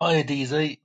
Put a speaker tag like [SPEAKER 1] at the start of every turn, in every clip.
[SPEAKER 1] Hi, Adize.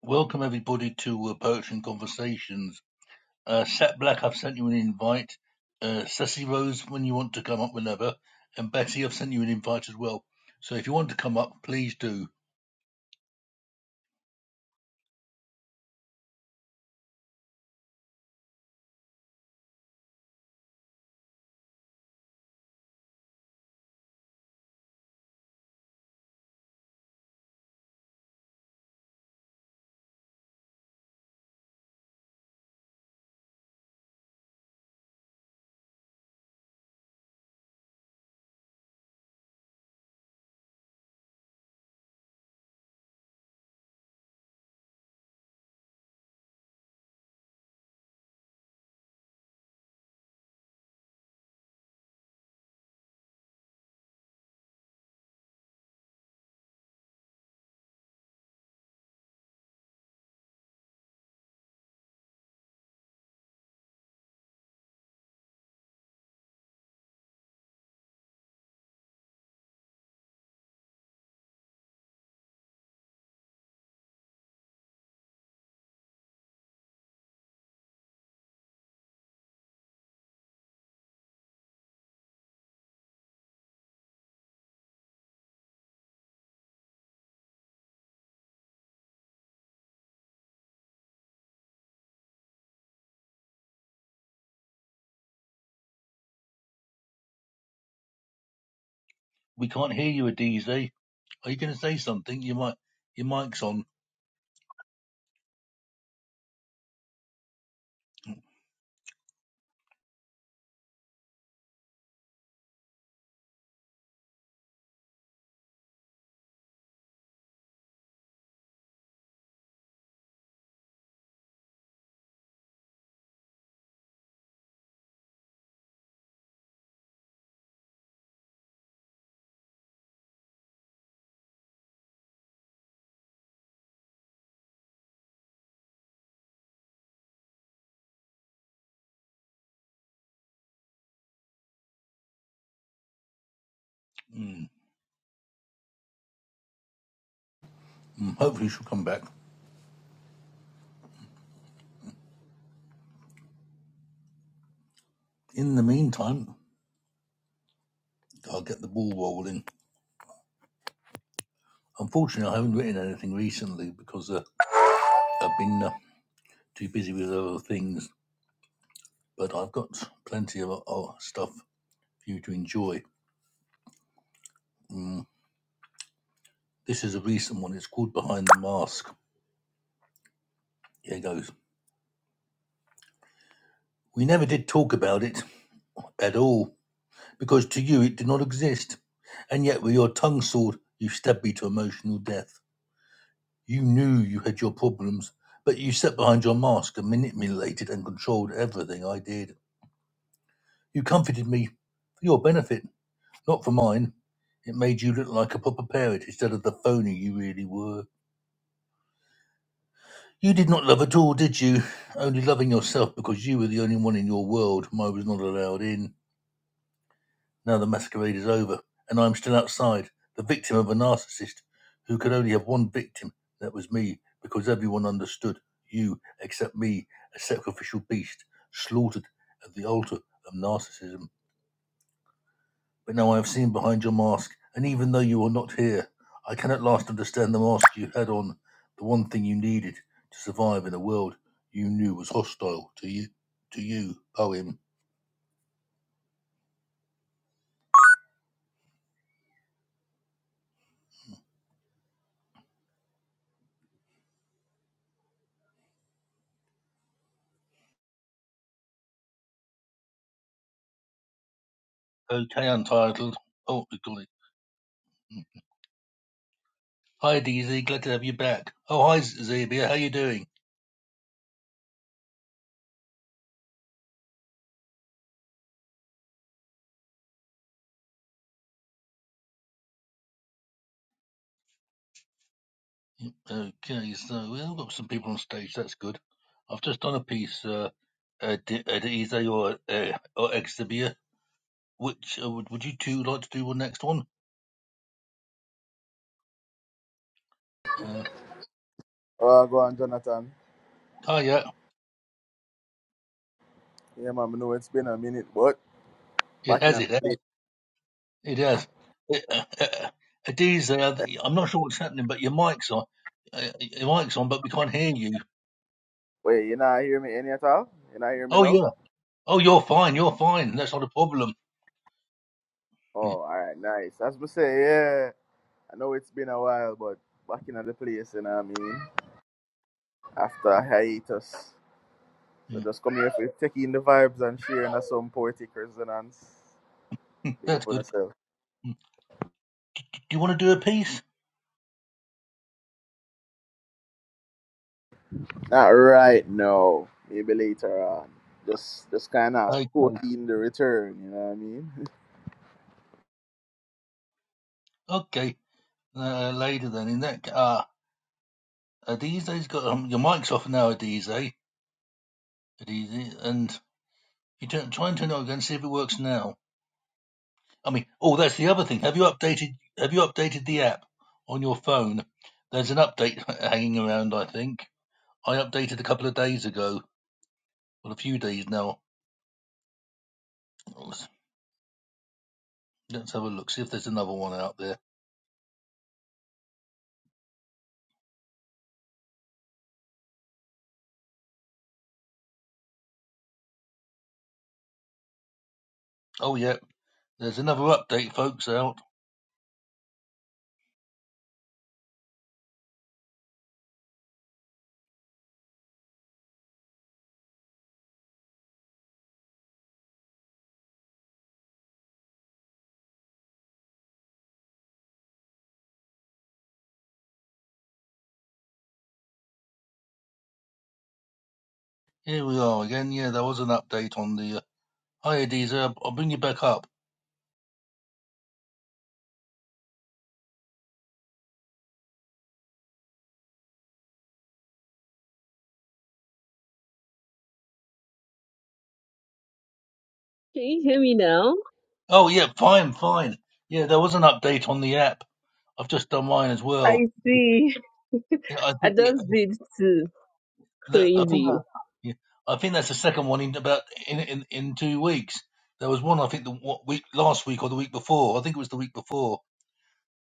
[SPEAKER 1] Welcome everybody to uh, Poetry and Conversations. Uh, Sat Black, I've sent you an invite. Uh, Ceci Rose, when you want to come up whenever, and Betty, I've sent you an invite as well. So if you want to come up, please do. We can't hear you, Adize. Are you going to say something? You might. Your mic's on. Mm, mm, hopefully she'll come back. In the meantime, I'll get the ball rolling. Unfortunately, I haven't written anything recently because uh, I've been uh, too busy with other things. But I've got plenty of uh, stuff for you to enjoy. Mm. This is a recent one. It's called Behind the Mask. Here goes. We never did talk about it at all because to you it did not exist. And yet, with your tongue sword, you stabbed me to emotional death. You knew you had your problems, but you sat behind your mask and manipulated and controlled everything I did. You comforted me for your benefit, not for mine. It made you look like a proper parent instead of the phony you really were. You did not love at all, did you? Only loving yourself because you were the only one in your world whom I was not allowed in. Now the masquerade is over, and I am still outside, the victim of a narcissist who could only have one victim. That was me, because everyone understood you except me, a sacrificial beast, slaughtered at the altar of narcissism. But now I have seen behind your mask, and even though you are not here, I can at last understand the mask you had on, the one thing you needed to survive in a world you knew was hostile to you. To you, poem. Okay, untitled. Oh, we got it. Mm. Hi, DZ. Glad to have you back. Oh, hi, Zabia. How you doing? Mm, Okay, so we've got some people on stage. That's good. I've just done a piece, uh, uh, D- uh DZ or uh, or Exabia. Which uh, would would you two like to do The next one? Uh,
[SPEAKER 2] Oh, go on, Jonathan.
[SPEAKER 1] hi, yeah.
[SPEAKER 2] Yeah, man, I know it's been a minute, but
[SPEAKER 1] It
[SPEAKER 2] back in
[SPEAKER 1] has,
[SPEAKER 2] the
[SPEAKER 1] it has,
[SPEAKER 2] place.
[SPEAKER 1] it has. It uh, it is. Uh, I'm not sure what's happening, but your mic's on. Uh, your mic's on, but we can't hear you.
[SPEAKER 2] Wait, you not hear me any at all? You not hear me
[SPEAKER 1] Oh
[SPEAKER 2] now?
[SPEAKER 1] yeah. Oh, you're fine. You're fine. That's not a problem. Yeah,
[SPEAKER 2] Oh, all right, nice. As we say, yeah, I know it's been a while, but back in the place, you know what I mean? After a hiatus. So
[SPEAKER 1] yeah.
[SPEAKER 2] just come here for taking the vibes and sharing us some poetic resonance. Big
[SPEAKER 1] That's
[SPEAKER 2] up on
[SPEAKER 1] good.
[SPEAKER 2] yourself.
[SPEAKER 1] Hmm, Do you want to do a piece?
[SPEAKER 2] Not right now, maybe later on. Just just kind of
[SPEAKER 1] Okay.
[SPEAKER 2] stroking the return, you know what I mean?
[SPEAKER 1] Okay. Uh, later then. In that. ca- Ah, uh, Adiz's got um, your mic's off now, Adiz. eh? Adiz, and you turn, try and turn it on again. See if it works now. I mean, oh, that's the other thing. Have you updated? Have you updated the app on your phone? There's an update hanging around. I think I updated a couple of days ago. Well, a few days now. Let's let's have a look. See if there's another one out there. Oh yeah, there's another update, folks. Out here we are again. Yeah, there was an update on the. Uh, Hi, Adisa. I'll bring you back up.
[SPEAKER 3] Can you hear me now?
[SPEAKER 1] Oh yeah, fine, fine. Yeah, there was an update on the app. I've just done mine as well.
[SPEAKER 3] I see.
[SPEAKER 1] Yeah, I
[SPEAKER 3] I
[SPEAKER 1] think. yeah,
[SPEAKER 3] just did too.
[SPEAKER 1] The, I think that,
[SPEAKER 3] Crazy.
[SPEAKER 1] yeah, I think that's the second one in about in in, in two weeks. There was one I think the what, week last week or the week before. I think it was the week before.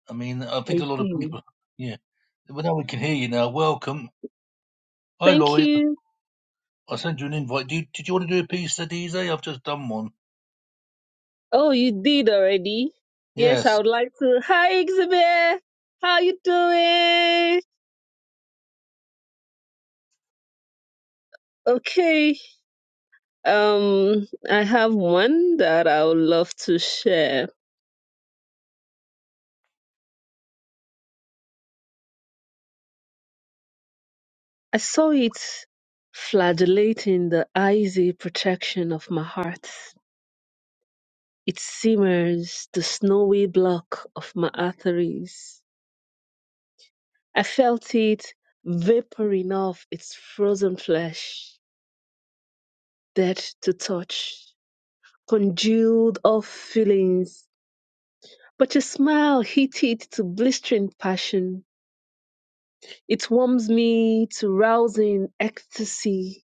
[SPEAKER 1] I mean, I think
[SPEAKER 3] I
[SPEAKER 1] a lot of
[SPEAKER 3] see.
[SPEAKER 1] people. Yeah, well now we can hear you now. Welcome. Hi,
[SPEAKER 3] Thank
[SPEAKER 1] Laurie.
[SPEAKER 3] you.
[SPEAKER 1] I sent you an invite. Do you, did you want to do a piece, Adize? I've just done one.
[SPEAKER 3] Oh, you did already? Yes, I
[SPEAKER 1] Yes,
[SPEAKER 3] would like to. Hi, Xavier. How you doing? Okay. Um, I have one that I would love to share. I saw it flagellating the icy protection of my heart. It simmers the snowy block of my arteries I felt it vaporing off its frozen flesh, dead to touch, congealed off feelings. But your smile heated to blistering passion. It warms me to rousing ecstasy.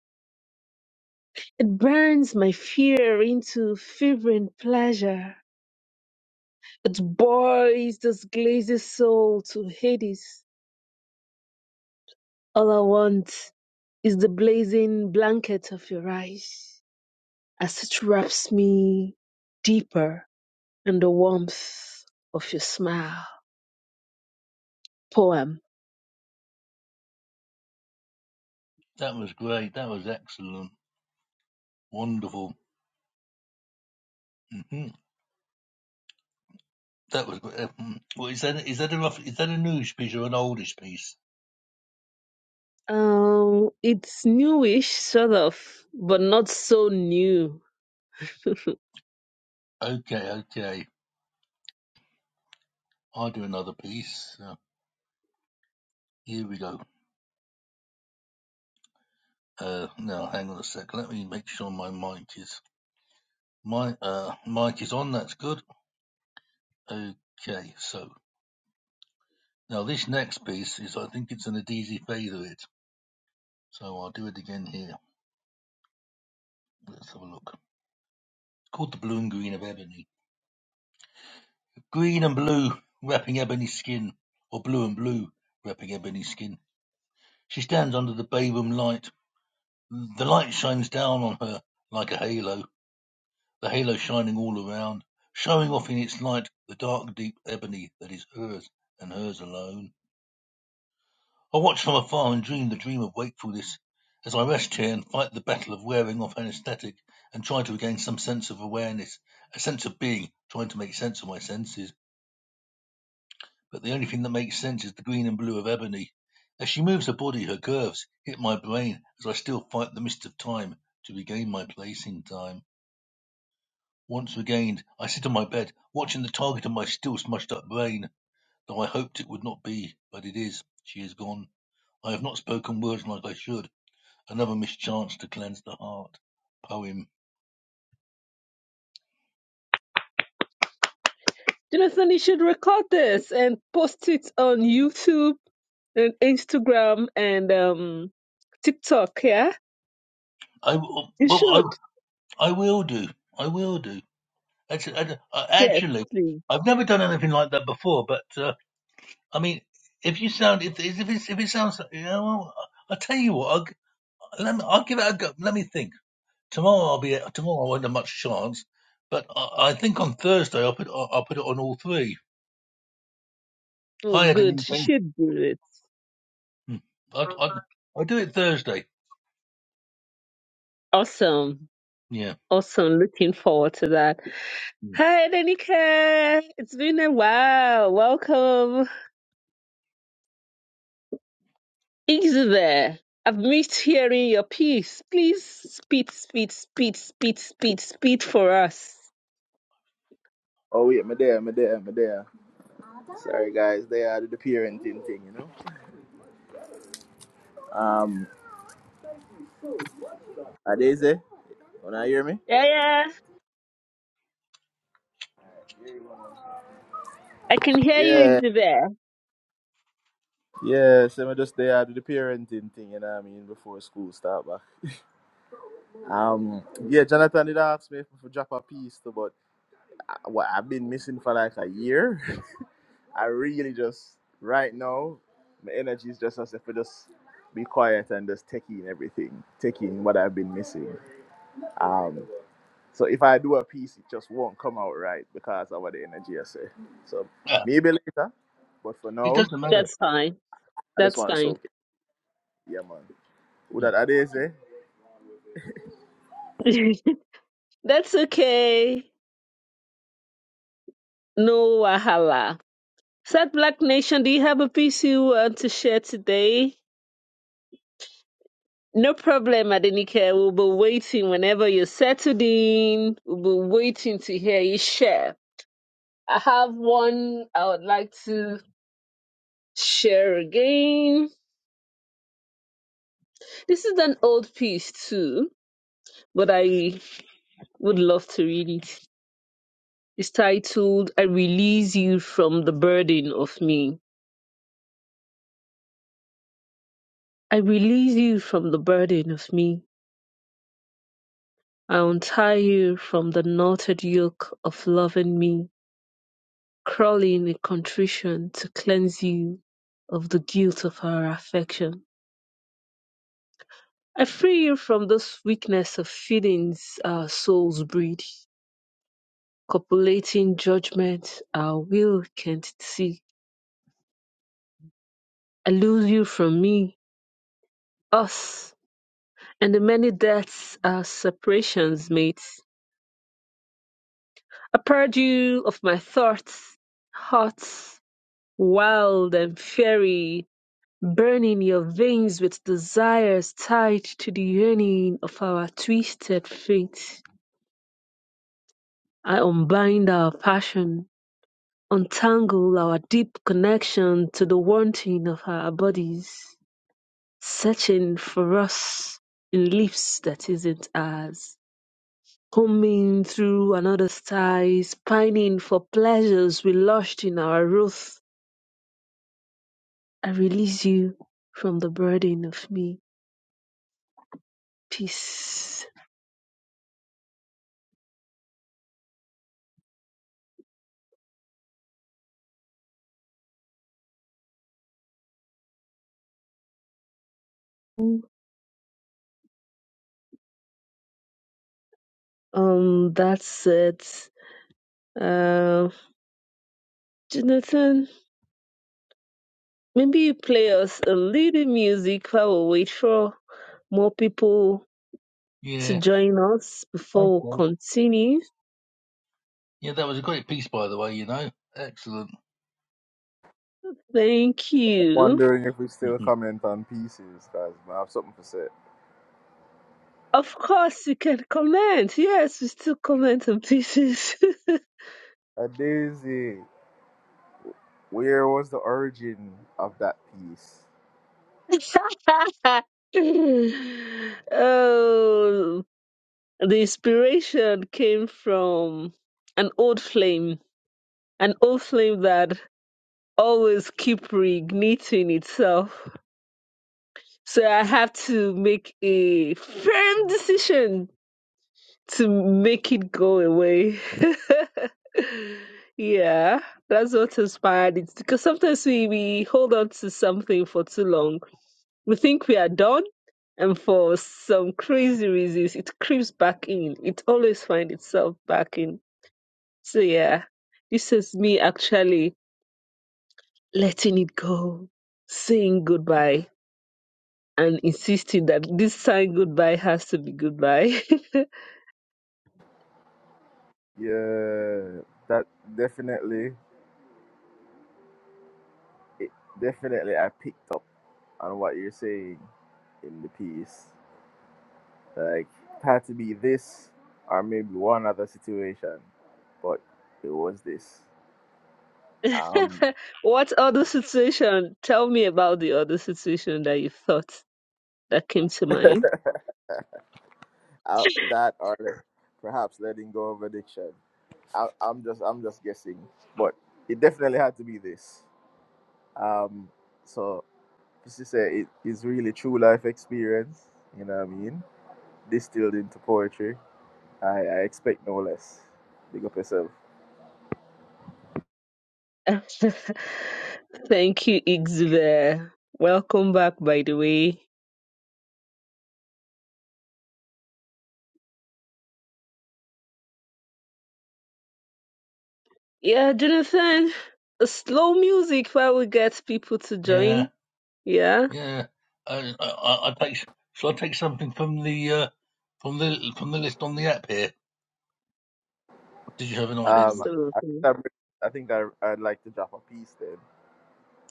[SPEAKER 3] It burns my fear into fevering pleasure. It boils this glazed soul to Hades. All I want is the blazing blanket of your eyes. as it wraps me deeper in the warmth of your smile. Poem.
[SPEAKER 1] that was great. That was excellent. Wonderful. hmm That was. gr- Um, well, is that is that a rough, is that a newish piece or an oldish piece?
[SPEAKER 3] Um, it's newish, sort of, but not so new.
[SPEAKER 1] Okay, okay. I'll do another piece. Uh, here we go. Uh, now hang on a sec. Let me make sure my mic is my uh mic is on. That's good. Okay, so now this next piece is I think it's an Adizi Favorite. So I'll do it again here. Let's have a look. It's called the Blue and Green of Ebony. Green and blue wrapping ebony skin, or blue and blue wrapping ebony skin. She stands under the bay room light. The light shines down on her like a halo. the halo shining all around, showing off in its light the dark, deep ebony that is hers and hers alone. I watch from afar and dream the dream of wakefulness as I rest here and fight the battle of wearing off anesthetic and try to regain some sense of awareness, a sense of being, trying to make sense of my senses. But the only thing that makes sense is the green and blue of ebony. As she moves her body, her curves hit my brain as I still fight the mist of time to regain my place in time. Once regained, I sit on my bed, watching the target of my still smushed up brain. Though I hoped it would not be, but it is. She is gone. I have not spoken words like I should. Another mischance to cleanse the heart. Poem.
[SPEAKER 3] Jonathan, you should record this and post it on YouTube and Instagram and um, TikTok. Yeah,
[SPEAKER 1] I will.
[SPEAKER 3] you
[SPEAKER 1] Well,
[SPEAKER 3] should.
[SPEAKER 1] I, I will do. I will do. That's, I, I-
[SPEAKER 3] Yes,
[SPEAKER 1] actually,
[SPEAKER 3] please.
[SPEAKER 1] I've never done anything like that before. But uh, I mean, if you sound if if it, if it sounds, you know, I will tell you what. I'll, g- let me, I'll give it a go. Let me think. Tomorrow I'll be tomorrow. I won't have much chance, but I, I think on Thursday I'll put I'll put it on all three.
[SPEAKER 3] Oh,
[SPEAKER 1] I had an
[SPEAKER 3] good. You
[SPEAKER 1] inkling.
[SPEAKER 3] should do it.
[SPEAKER 1] Hmm. I'd, I'd I'll do it Thursday.
[SPEAKER 3] Awesome.
[SPEAKER 1] Yeah.
[SPEAKER 3] Awesome. Looking forward to that.
[SPEAKER 1] Hmm.
[SPEAKER 3] Hi, Danica. It's been a while. Welcome. Is there? I've missed hearing your piece. Please spit, spit, spit, spit, spit, spit for us.
[SPEAKER 2] Oh, wait, me there, me there, me there. Sorry, guys. They are the parenting thing, you know. Um, Adeze, wanna hear me?
[SPEAKER 3] Yeah, yeah. I can hear you,
[SPEAKER 2] Yeah,
[SPEAKER 3] Isabel.
[SPEAKER 2] yeah. So I just they are the parenting thing, you know what I mean, before school start back. Um, yeah. Jonathan did ask me if I could drop a piece, to, but I, what I've been missing for like a year. I really just right now, my energy is just as if I just be quiet and just take in everything, take in what I've been missing. Um. So if I do a piece, it just won't come out right because of the energy I say. So
[SPEAKER 1] Ah,
[SPEAKER 2] maybe later, but for
[SPEAKER 1] It
[SPEAKER 2] now,
[SPEAKER 1] doesn't matter.
[SPEAKER 3] That's fine.
[SPEAKER 2] I just
[SPEAKER 3] That's
[SPEAKER 2] want to
[SPEAKER 3] fine.
[SPEAKER 2] soak it. Yeah, man. Who
[SPEAKER 1] Hmm.
[SPEAKER 2] that Adeze?
[SPEAKER 3] That's okay. No wahala. Sad Black Nation, do you have a piece you want to share today? No problem, Adenike. We'll be waiting whenever you're settled in. We'll be waiting to hear you share. I have one I would like to share again. This is an old piece too, but I would love to read it. It's titled I Release You from the Burden of Me. I release you from the burden of me. I untie you from the knotted yoke of loving me. Crawling in a contrition to cleanse you of the guilt of our affection. I free you from this weakness of feelings our souls breed, copulating judgment our will can't see. I lose you from me, us, and the many deaths our separations made. I purge you of my thoughts, hearts, wild and fairy, burning your veins with desires tied to the yearning of our twisted fate. I unbind our passion, untangle our deep connection to the wanting of our bodies, searching for us in lips that isn't ours. Homing through another's ties, pining for pleasures we lost in our wrath. I release you from the burden of me. Peace. Um, that's it. Uh, Jonathan, maybe you play us a little music while we wait for more people to
[SPEAKER 1] Yeah.
[SPEAKER 3] join us before we
[SPEAKER 1] Okay.
[SPEAKER 3] continue.
[SPEAKER 1] Yeah, that was a great piece, by the way. You know, excellent.
[SPEAKER 3] Thank you.
[SPEAKER 2] Wondering if we still
[SPEAKER 1] hmm
[SPEAKER 2] comment on pieces, cause I have something to say.
[SPEAKER 3] Of course, you can comment. Yes, we still comment on pieces.
[SPEAKER 2] A daisy, where was the origin of that piece?
[SPEAKER 3] oh, the inspiration came from an old flame, an old flame that always keep reigniting itself So I have to make a firm decision to make it go away. yeah, that's what inspired it. Because sometimes we, we hold on to something for too long. We think we are done, and for some crazy reasons, it creeps back in. It always finds itself back in. So yeah, this is me actually letting it go, saying goodbye. and insisting that this sign goodbye has to be goodbye.
[SPEAKER 2] Yeah, that definitely, it definitely I picked up on what you're saying in the piece. Like it had to be this or maybe one other situation, but it was this. Um,
[SPEAKER 3] what other situation? Tell me about the other situation that you thought that came to mind.
[SPEAKER 2] I, that or le- perhaps letting go of addiction. I, I'm just I'm just guessing, but it definitely had to be this. Um, so just to say it is really true life experience. You know what I mean? Distilled into poetry. I, I expect no less. Big up yourself.
[SPEAKER 3] Thank you, Ixver. Welcome back, by the way. Yeah, Jonathan, slow music while we get people to
[SPEAKER 1] Yeah.
[SPEAKER 3] join. Yeah,
[SPEAKER 1] Yeah. I, I, I I take. Shall I take something from the uh, from the from the list on the app here? Did you have an
[SPEAKER 2] Um,
[SPEAKER 1] idea?
[SPEAKER 2] I
[SPEAKER 3] absolutely.
[SPEAKER 2] think, i I think I, I'd like to drop a piece then.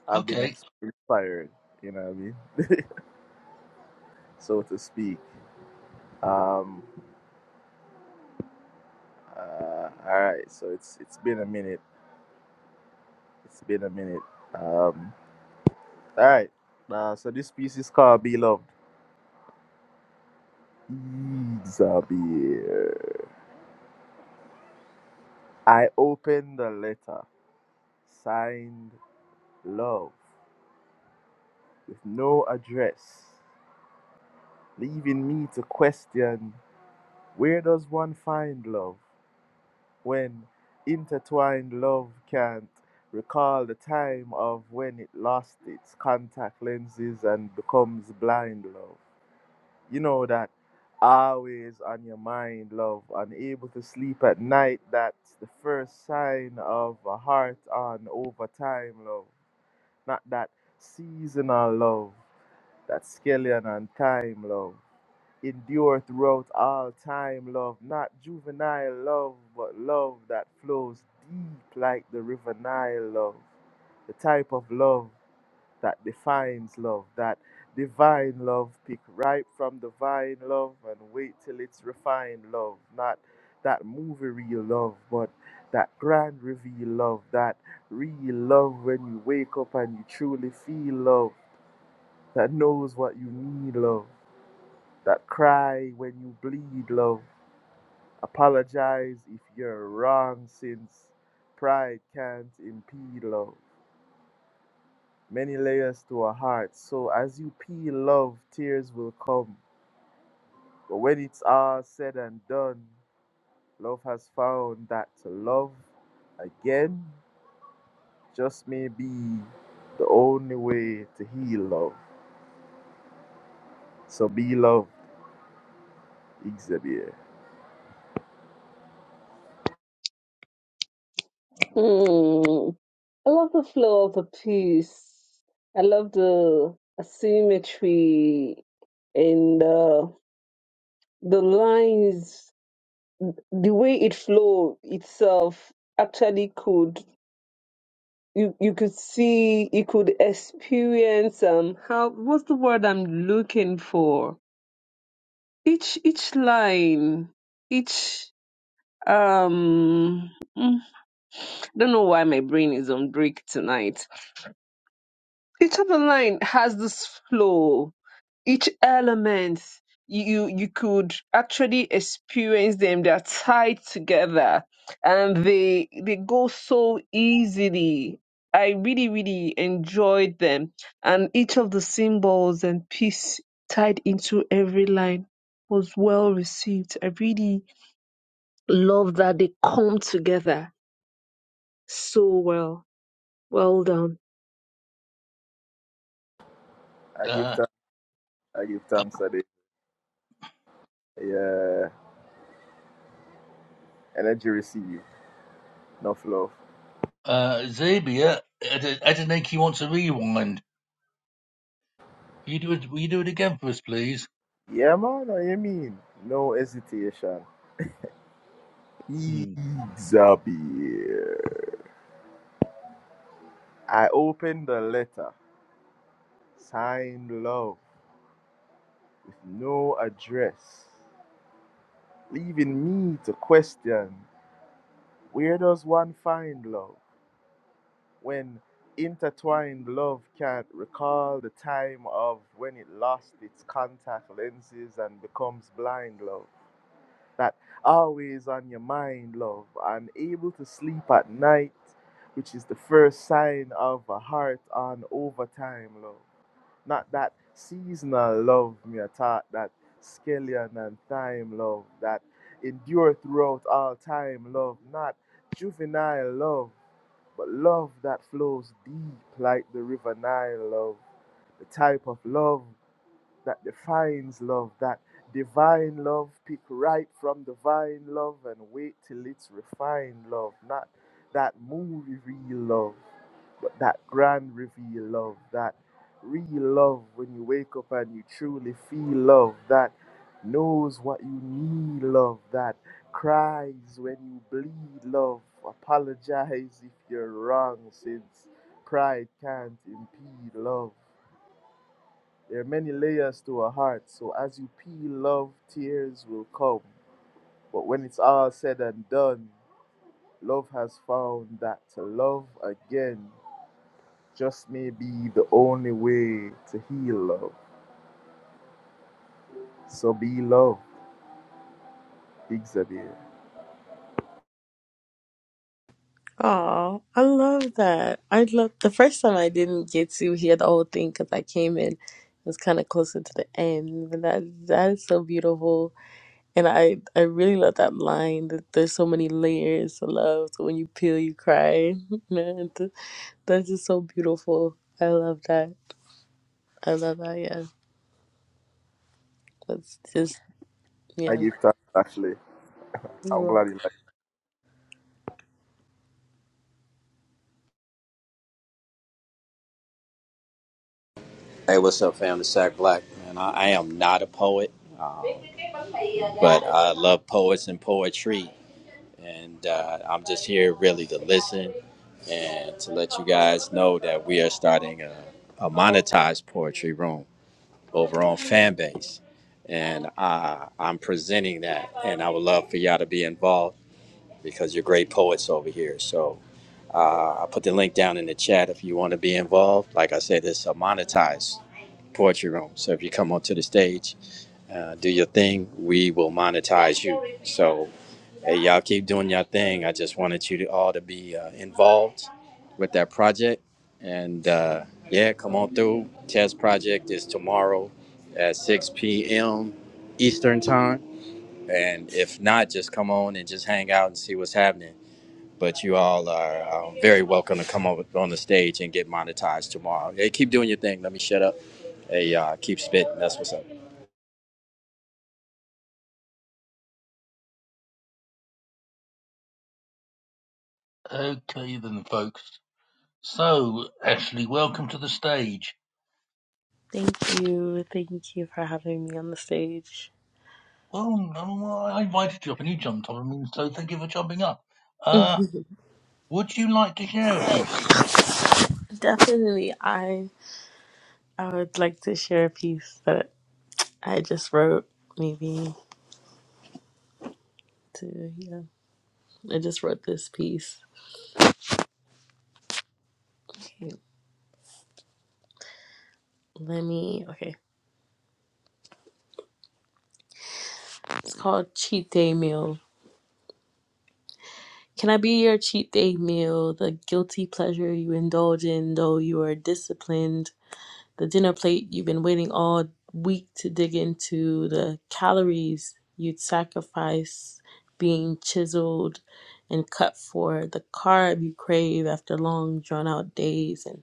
[SPEAKER 2] I've been
[SPEAKER 1] Okay.
[SPEAKER 2] ex- inspired, you know what I mean, so to speak. Um, uh, all right, so it's it's been a minute. It's been a minute. Um, all right, uh, so this piece is called Beloved. Zabir, I opened the letter, signed love, with no address, leaving me to question where does one find love? when intertwined love can't recall the time of when it lost its contact lenses and becomes blind love. You know that always on your mind love, unable to sleep at night, that's the first sign of a heart on over time love, not that seasonal love, that skeleton on time love endure throughout all time, love. Not juvenile love, but love that flows deep like the river Nile, love. The type of love that defines love, that divine love, pick ripe from the vine, love, and wait till it's refined, love. Not that movie real love, but that grand reveal love, that real love when you wake up and you truly feel love, that knows what you need, love that cry when you bleed, love. Apologize if you're wrong, since pride can't impede love. Many layers to a heart, so as you peel love, tears will come. But when it's all said and done, love has found that to love again just may be the only way to heal love. So be loved, Xavier.
[SPEAKER 3] Mm, I love the flow of the piece. I love the asymmetry and uh, the lines, the way it flowed itself, actually could you you could see you could experience um how what's the word I'm looking for each each line each um mm, I don't know why my brain is on break tonight each of the line has this flow each element you you could actually experience them they're tied together and they they go so easily i really really enjoyed them and each of the symbols and piece tied into every line was well received i really love that they come together so well well done
[SPEAKER 2] I give
[SPEAKER 1] Uh,
[SPEAKER 2] thanks. I give thanks. Ade. Yeah, energy received. No fluff.
[SPEAKER 1] uh, Zabia, Adeniki wants a rewind. Will you do it? Will you do it again for us, please?
[SPEAKER 2] Yeah, man. What you mean? No hesitation.
[SPEAKER 1] Hmm.
[SPEAKER 2] Xavier. I opened the letter, signed love, with no address, leaving me to question where does one find love when intertwined love can't recall the time of when it lost its contact lenses and becomes blind love? that always on your mind, love, unable to sleep at night, which is the first sign of a heart on overtime, love. Not that seasonal love, me a thought that skeleton and time love that endure throughout all time, love, not juvenile love, but love that flows deep like the river Nile, love. The type of love that defines love, that divine love, pick right from the vine love and wait till it's refined love, not that movie real love, but that grand reveal love, that real love when you wake up and you truly feel love, that knows what you need love, that cries when you bleed love, apologize if you're wrong since pride can't impede love there are many layers to a heart, so as you peel love, tears will come. But when it's all said and done, love has found that to love again just may be the only way to heal love. So be love, Big Xavier.
[SPEAKER 4] Oh, I love that. I love the first time I didn't get to hear the whole thing because I came in. It was kind of closer to the end, but that that is so beautiful, and I I really love that line that there's so many layers to love. So when you peel, you cry. Man, th- that's just so beautiful. I love that. I love that. Yeah, that's just
[SPEAKER 2] I
[SPEAKER 4] yeah.
[SPEAKER 2] give thanks, actually.
[SPEAKER 4] You're
[SPEAKER 2] I'm glad
[SPEAKER 4] welcome.
[SPEAKER 2] you like
[SPEAKER 5] Hey, what's up, family? Sack Black, man. I, I am not a poet, um, but I love poets and poetry, and uh, I'm just here really to listen and to let you guys know that we are starting a, a monetized poetry room over on Fanbase, and uh, I'm presenting that, and I would love for y'all to be involved because you're great poets over here. So uh, I put the link down in the chat if you want to be involved. Like I said, it's a monetized poetry room. So if you come onto the stage uh, do your thing, we will monetize you. So, hey, y'all keep doing your thing. I just wanted you to all to be uh, involved with that project. And uh, yeah, come on through. Test project is tomorrow at 6 p.m. Eastern time. And if not, just come on and just hang out and see what's happening. But you all are uh, very welcome to come over on the stage and get monetized tomorrow. Hey, keep doing your thing. Let me shut up. Hey, uh, keep spitting. That's what's up.
[SPEAKER 1] Okay then, folks. So, Ashley, welcome to the stage.
[SPEAKER 4] Thank you. Thank you for having me on the stage.
[SPEAKER 1] Well, no, I invited you up and you jumped up. I mean, so thank you for jumping up. Uh, would you like to share a piece?
[SPEAKER 4] Definitely, I I would like to share a piece that I just wrote, maybe to, yeah. I just wrote this piece. Okay, let me, okay. It's called Cheat Day Meal. Can I be your cheat day meal, the guilty pleasure you indulge in though you are disciplined, the dinner plate you've been waiting all week to dig into, the calories you'd sacrifice being chiseled and cut for, the carb you crave after long drawn out days and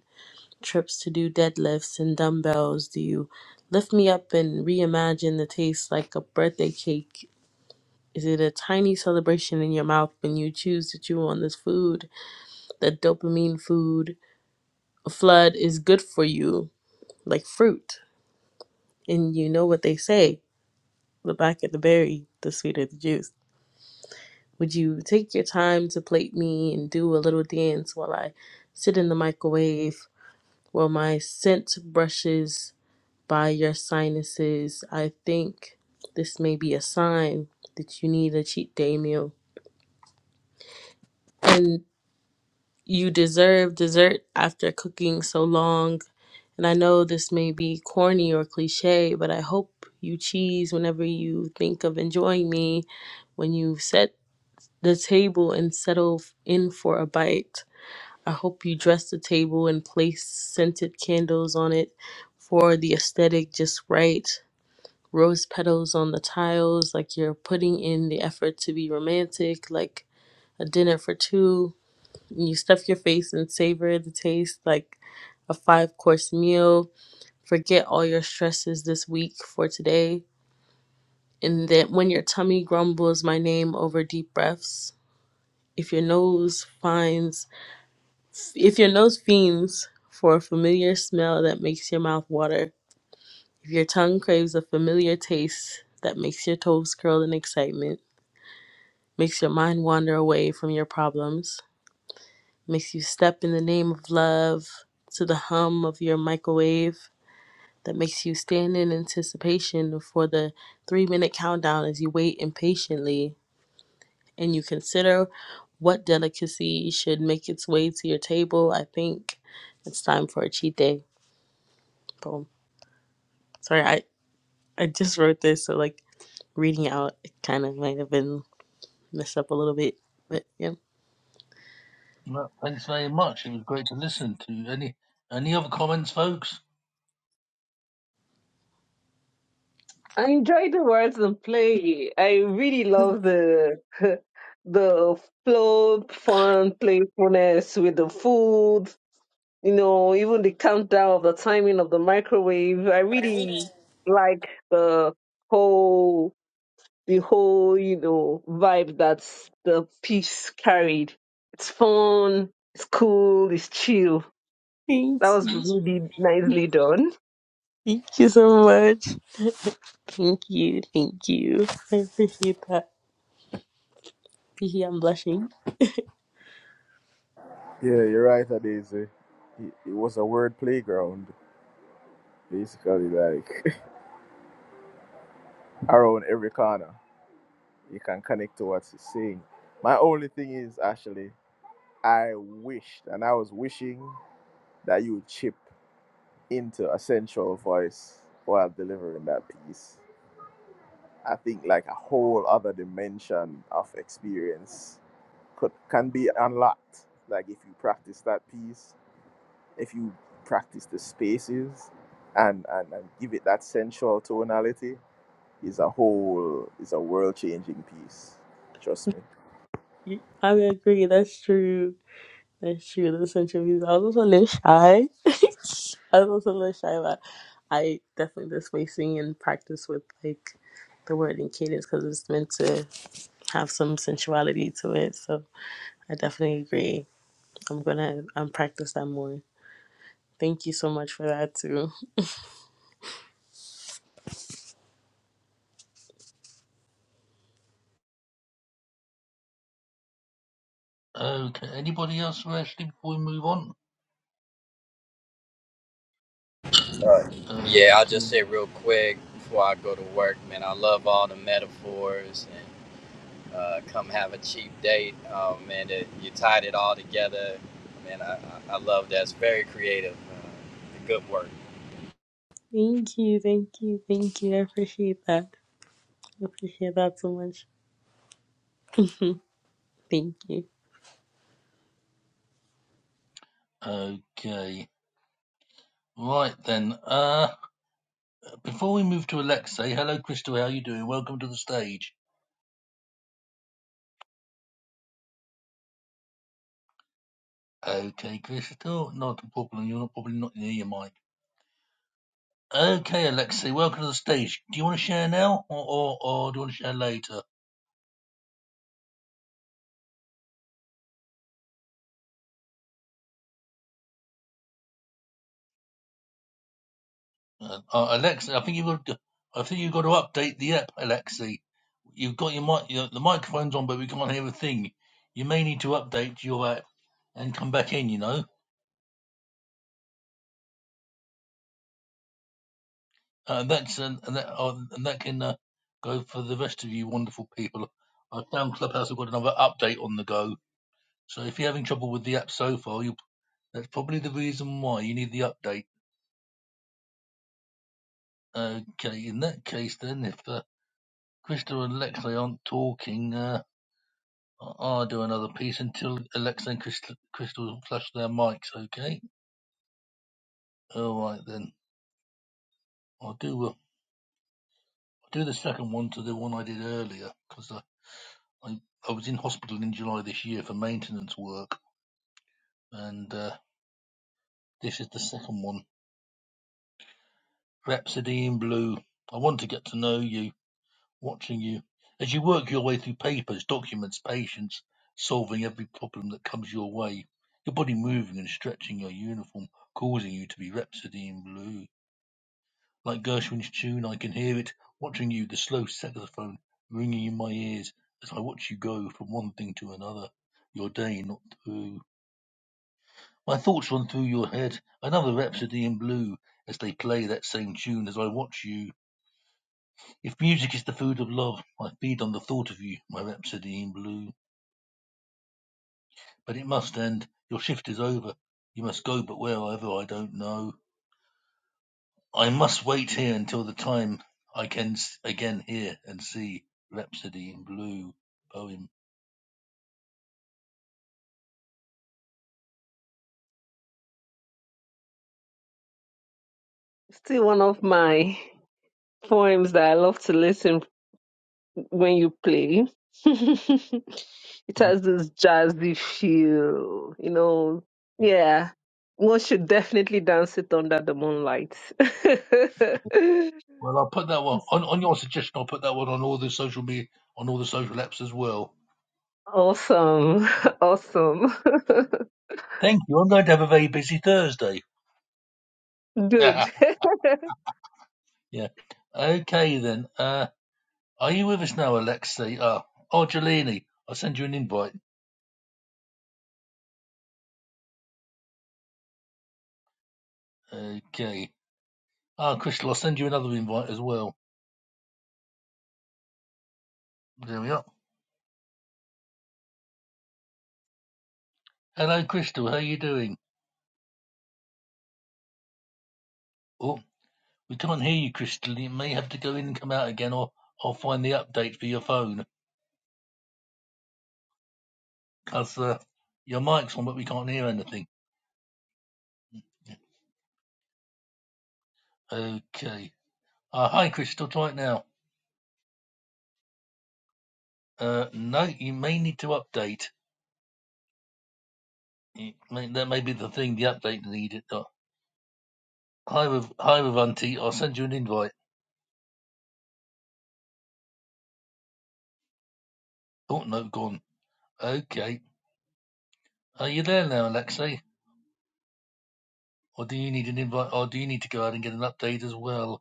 [SPEAKER 4] trips to do deadlifts and dumbbells? Do you lift me up and reimagine the taste like a birthday cake? Is it a tiny celebration in your mouth when you choose to chew on this food? The dopamine food flood is good for you, like fruit. And you know what they say the blacker the berry, the sweeter the juice. Would you take your time to plate me and do a little dance while I sit in the microwave, while my scent brushes? by your sinuses. I think this may be a sign that you need a cheat day meal. And you deserve dessert after cooking so long. And I know this may be corny or cliche, but I hope you cheese whenever you think of enjoying me, when you set the table and settle in for a bite. I hope you dress the table and place scented candles on it for the aesthetic just right rose petals on the tiles, like you're putting in the effort to be romantic, like a dinner for two. You stuff your face and savor the taste like a five course meal. Forget all your stresses this week for today. And that when your tummy grumbles my name over deep breaths, if your nose finds, if your nose fiends for a familiar smell that makes your mouth water, if your tongue craves a familiar taste that makes your toes curl in excitement, makes your mind wander away from your problems, makes you step in the name of love to the hum of your microwave, that makes you stand in anticipation for the three minute countdown as you wait impatiently and you consider what delicacy should make its way to your table. I think it's time for a cheat day. Boom. Sorry, I, I just wrote this, so like reading out, it kind of might have been messed up a little bit, but yeah.
[SPEAKER 1] Well, thanks very much. It was great to listen to. Any any other comments, folks?
[SPEAKER 3] I enjoy the words of play. I really love the the flow, fun, playfulness with the food. You know, even the countdown of the timing of the microwave. I really like the whole the whole you know vibe that's the piece carried. It's fun. It's cool. It's chill.
[SPEAKER 4] Thank
[SPEAKER 3] That was
[SPEAKER 4] you.
[SPEAKER 3] really nicely done.
[SPEAKER 4] Thank you so much. Thank you, thank you. I appreciate that. Hee, I'm blushing.
[SPEAKER 2] it. Yeah, you're right, Daisy. It, it was a word playground, basically, like around every corner. You can connect to what he's saying. My only thing is, actually. I wished, and I was wishing that you would chip into a sensual voice while delivering that piece. I think like a whole other dimension of experience could can be unlocked. Like if you practice that piece, if you practice the spaces and, and, and give it that sensual tonality, is a whole is a world changing piece. Trust me.
[SPEAKER 4] I would agree, that's true. That's true, those interviews. I was also a little shy. I was also a little shy, but I definitely just spacing and practice with like the word and cadence because it's meant to have some sensuality to it. So I definitely agree. I'm gonna um, practice that more. Thank you so much for that too.
[SPEAKER 1] Okay. Anybody else for Ashley before we move on?
[SPEAKER 5] Yeah, I'll just say
[SPEAKER 1] Okay.
[SPEAKER 5] real quick before I go to work, man. I love all the metaphors and uh, come have a cheap date, um, man. That you tied it all together, man. I, I I love that. It's very creative. Uh, good work.
[SPEAKER 4] Thank you, thank you, thank you. I appreciate that. I appreciate that so much. Thank you.
[SPEAKER 1] Okay. Right then. Uh, before we move to Alexei, hello, Crystal. How are you doing? Welcome to the stage. Okay, Crystal. not a problem. You're not probably not near your mic. Okay, Alexei, welcome to the stage. Do you want to share now, or or, or do you want to share later? Uh, uh, Alexei, I think you've got to, I think you've got to update the app, Alexei. You've got your mic, your, the microphone's on, but we can't hear a thing. You may need to update your app and come back in. You know, uh, that's and, and that uh, and that can uh, go for the rest of you wonderful people. I found Clubhouse have got another update on the go. So if you're having trouble with the app so far, you that's probably the reason why you need the update. Okay, in that case, then if uh, Crystal and Alexa aren't talking, uh, I- will do another piece until Alexa and Crystal, Crystal flush their mics. Okay. All right then. I'll do uh, I'll do the second one to the one I did earlier because uh, I I was in hospital in July this year for maintenance work, and uh, this is the second one. Rhapsody in Blue. I want to get to know you. watching you as you work your way through papers, documents, patients, solving every problem that comes your way. Your body moving and stretching your uniform, causing you to be Rhapsody in Blue. Like Gershwin's tune, I can hear it, watching you, the slow saxophone ringing in my ears as I watch you go from one thing to another, your day not through. My thoughts run through your head, another Rhapsody in Blue, as they play that same tune as I watch you. If music is the food of love, I feed on the thought of you, my rhapsody in blue. But it must end. Your shift is over. You must go, but wherever I don't know. I must wait here until the time I can again hear and see Rhapsody in Blue poem.
[SPEAKER 3] Still one of my poems that I love to listen when you play. it has
[SPEAKER 1] Yeah.
[SPEAKER 3] this jazzy feel, you know. Yeah. One should definitely dance it under the moonlight.
[SPEAKER 1] Well, I'll put that one on, on your suggestion. I'll put that one on all the social media, on all the social apps as well.
[SPEAKER 3] awesome. Awesome.
[SPEAKER 1] Thank you. I'm going to have a very busy Thursday.
[SPEAKER 3] Good.
[SPEAKER 1] yeah. Okay then. Uh, Are you with us now, Alexei? Ah, oh, Jelini, I'll send you an invite. Okay. Ah, Crystal, I'll send you another invite as well. There we are. Hello, Crystal. How are you doing? Oh, we can't hear you, Crystal. You may have to go in and come out again, or I'll find the update for your phone. 'Cause uh, your mic's on, but we can't hear anything. Okay. Ah, hi, Crystal. Try it now. Uh, no, you may need to update. may, that may be the thing, the update needed. Uh, hi, with, hi, with Auntie. I'll send you an invite. Oh, no, gone. Okay. Are you there now, Alexei? Or do you need an invite? Or do you need to go out and get an update as well?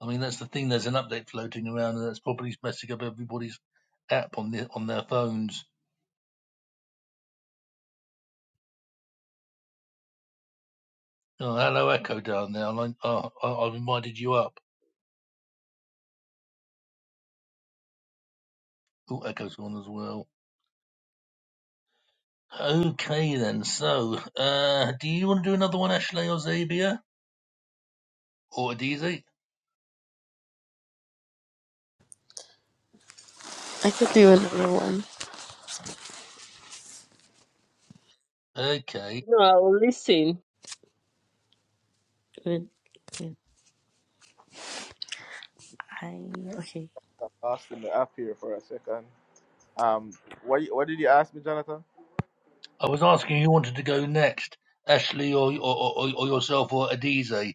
[SPEAKER 1] I mean, that's the thing. There's an update floating around, and that's probably messing up everybody's app on the on their phones. Oh, hello, Echo down there. I, oh, I, I've invited you up. Oh, Echo's gone as well. Okay then. So, uh, do you want to do another one, Ashley or Zabia or Adizi?
[SPEAKER 4] I could do another one.
[SPEAKER 1] Okay.
[SPEAKER 3] no, I'll listen.
[SPEAKER 4] Good. good. I okay.
[SPEAKER 2] I'm lost in the app here for a second. Um what what did you ask me, Jonathan?
[SPEAKER 1] I was asking who wanted to go next, Ashley or or, or, or yourself or Adizi.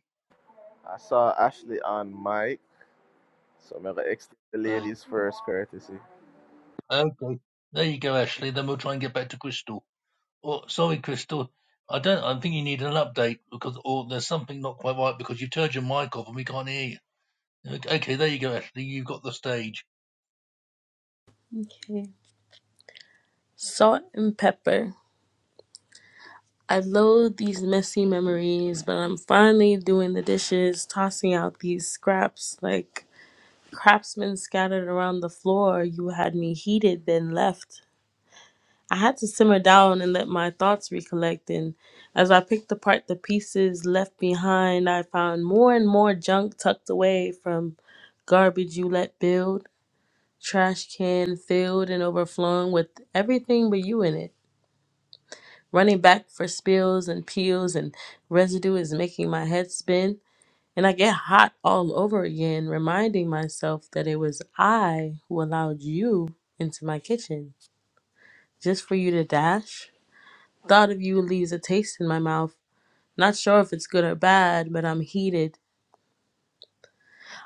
[SPEAKER 2] I saw Ashley on mic, so I'm gonna extend the ladies first courtesy.
[SPEAKER 1] Okay. There you go, Ashley. Then we'll try and get back to Crystal. Oh, sorry, Crystal. I don't. I think you need an update because, or there's something not quite right because you turned your mic off and we can't hear you. Okay, okay, there you go, Ashley. You've got the stage.
[SPEAKER 4] Okay. Salt and pepper. I loathe these messy memories, but I'm finally doing the dishes, tossing out these scraps like craftsmen scattered around the floor. You had me heated, then left. I had to simmer down and let my thoughts recollect. And as I picked apart the pieces left behind, I found more and more junk tucked away from garbage you let build. trash can filled and overflowing with everything but you in it. Running back for spills and peels and residue is making my head spin, and I get hot all over again, reminding myself that it was I who allowed you into my kitchen. Just for you to dash? Thought of you leaves a taste in my mouth. Not sure if it's good or bad, but I'm heated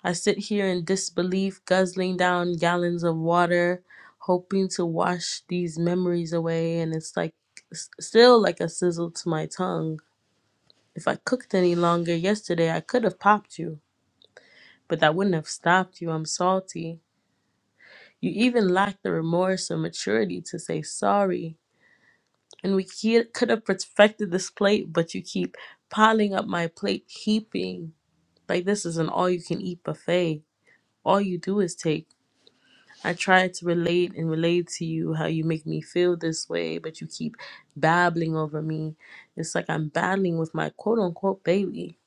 [SPEAKER 4] I sit here in disbelief, guzzling down gallons of water, hoping to wash these memories away, and it's like s- still like a sizzle to my tongue. If I cooked any longer yesterday, I could have popped you, but that wouldn't have stopped you. I'm salty. You even lack the remorse or maturity to say sorry. And we ke- could have perfected this plate, but you keep piling up my plate, heaping. Like this is an all you can eat buffet. All you do is take. I try to relate and relate to you how you make me feel this way, but you keep babbling over me. It's like I'm battling with my quote unquote baby.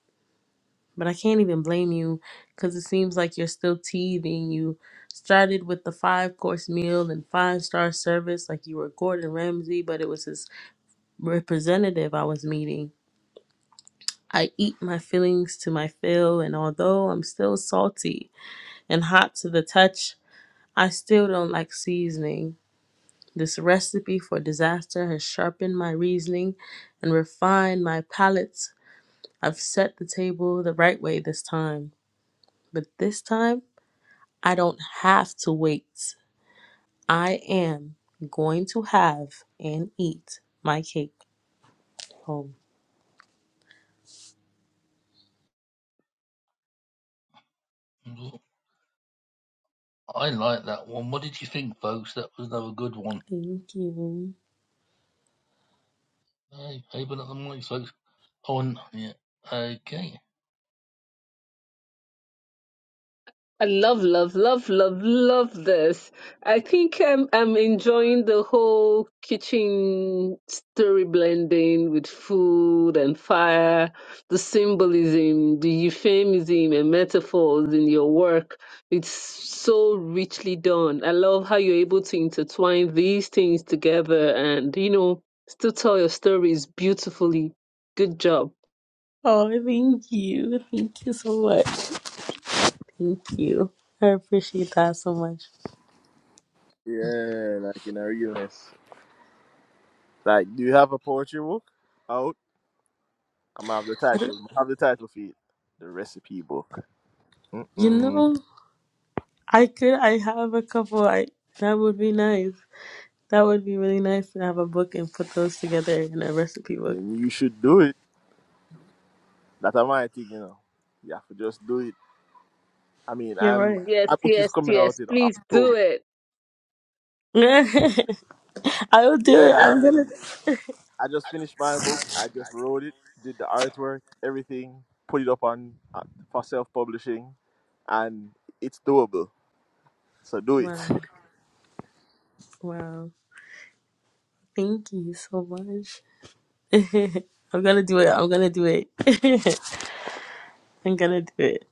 [SPEAKER 4] But I can't even blame you because it seems like you're still teething. You started with the five course meal and five star service like you were Gordon Ramsay, but it was his representative I was meeting. I eat my feelings to my fill, and although I'm still salty and hot to the touch, I still don't like seasoning. This recipe for disaster has sharpened my reasoning and refined my palates. I've set the table the right way this time. But this time, I don't have to wait. I am going to have and eat my cake home.
[SPEAKER 1] I like that one. What did you think, folks? That was another good one.
[SPEAKER 4] Thank you.
[SPEAKER 1] Hey, open up the mic, folks. Oh, and, yeah. Okay.
[SPEAKER 3] I love, love, love, love, love this. I think I'm I'm enjoying the whole kitchen story blending with food and fire, the symbolism, the euphemism and metaphors in your work. It's so richly done. I love how you're able to intertwine these things together and, you know, still tell your stories beautifully. Good job.
[SPEAKER 4] Oh, thank you. Thank you so much. Thank you. I appreciate that so much.
[SPEAKER 2] Yeah, like in a realness. Like, do you have a poetry book out? I'm gonna have the
[SPEAKER 4] I
[SPEAKER 2] title.
[SPEAKER 4] don't,
[SPEAKER 2] I'm gonna have the title for it. The recipe book.
[SPEAKER 4] you
[SPEAKER 2] Mm-mm.
[SPEAKER 4] know, I could, I have a couple. I That would be nice. That would be really nice to have a book and put those together in a recipe book.
[SPEAKER 2] Then you should do it. That's my thing, you know. You have to just do it. I mean,
[SPEAKER 4] You're
[SPEAKER 2] I'm
[SPEAKER 4] right.
[SPEAKER 3] Yes,
[SPEAKER 2] my book is
[SPEAKER 3] yes,
[SPEAKER 2] coming
[SPEAKER 3] yes.
[SPEAKER 2] out in
[SPEAKER 3] Please do
[SPEAKER 2] October.
[SPEAKER 3] it.
[SPEAKER 2] Yeah,
[SPEAKER 4] I will do it.
[SPEAKER 2] yeah and I
[SPEAKER 4] I'm gonna.
[SPEAKER 2] mean, I just finished my book. I just wrote it, did the artwork, everything, put it up on uh, for self publishing, and it's doable. So do it.
[SPEAKER 4] Wow. Wow. Thank you so much. I'm gonna do it. I'm gonna do it. I'm gonna do it.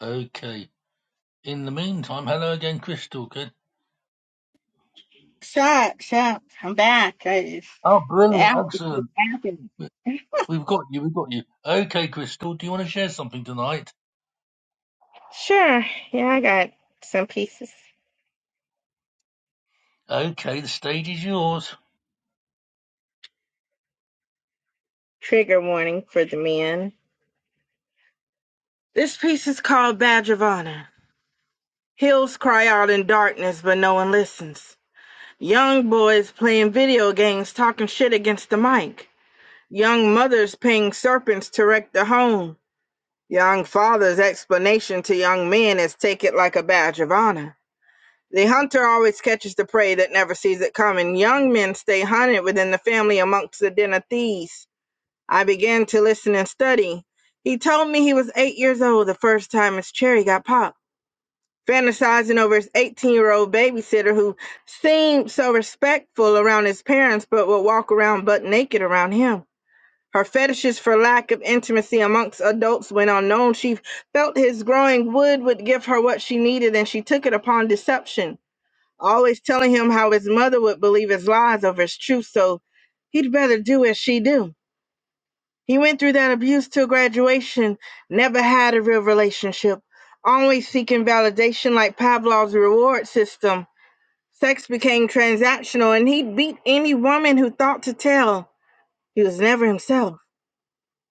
[SPEAKER 1] Okay. In the meantime, hello again, Crystal. Good.
[SPEAKER 6] Shucks, shucks, I'm back. I,
[SPEAKER 1] Oh,
[SPEAKER 6] the
[SPEAKER 1] brilliant.
[SPEAKER 6] app was just
[SPEAKER 1] Excellent.
[SPEAKER 6] happening.
[SPEAKER 1] We- We've got you. We've got you. Okay, Crystal. Do you want to share something tonight?
[SPEAKER 6] Sure. Yeah, I got some pieces.
[SPEAKER 1] Okay, the stage is yours.
[SPEAKER 6] Trigger warning for the men. This piece is called Badge of Honor. Hills cry out in darkness, but no one listens. Young boys playing video games, talking shit against the mic. Young mothers paying serpents to wreck the home. Young father's explanation to young men is take it like a badge of honor. The hunter always catches the prey that never sees it coming. Young men stay hunted within the family amongst the den of thieves. I began to listen and study. He told me he was eight years old the first time his cherry got popped. Fantasizing over his 18 year old babysitter who seemed so respectful around his parents but would walk around butt naked around him. Her fetishes for lack of intimacy amongst adults went unknown. She felt his growing wood would give her what she needed and she took it upon deception always telling him how his mother would believe his lies over his truth, so he'd better do as she do. He went through that abuse till graduation, never had a real relationship, always seeking validation like Pavlov's reward system. Sex became transactional, and he'd beat any woman who thought to tell. He was never himself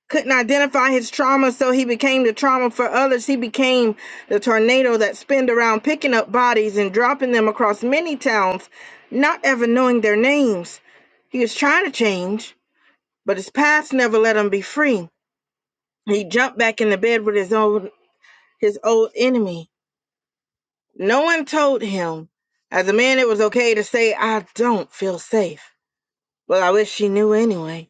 [SPEAKER 6] couldn't identify his trauma, so he became the trauma for others. He became the tornado that spinned around, picking up bodies and dropping them across many towns, not ever knowing their names. He was trying to change, but his past never let him be free. He jumped back in the bed with his old his old enemy. No one told him. As a man, it was okay to say, "I don't feel safe." Well, I wish she knew anyway.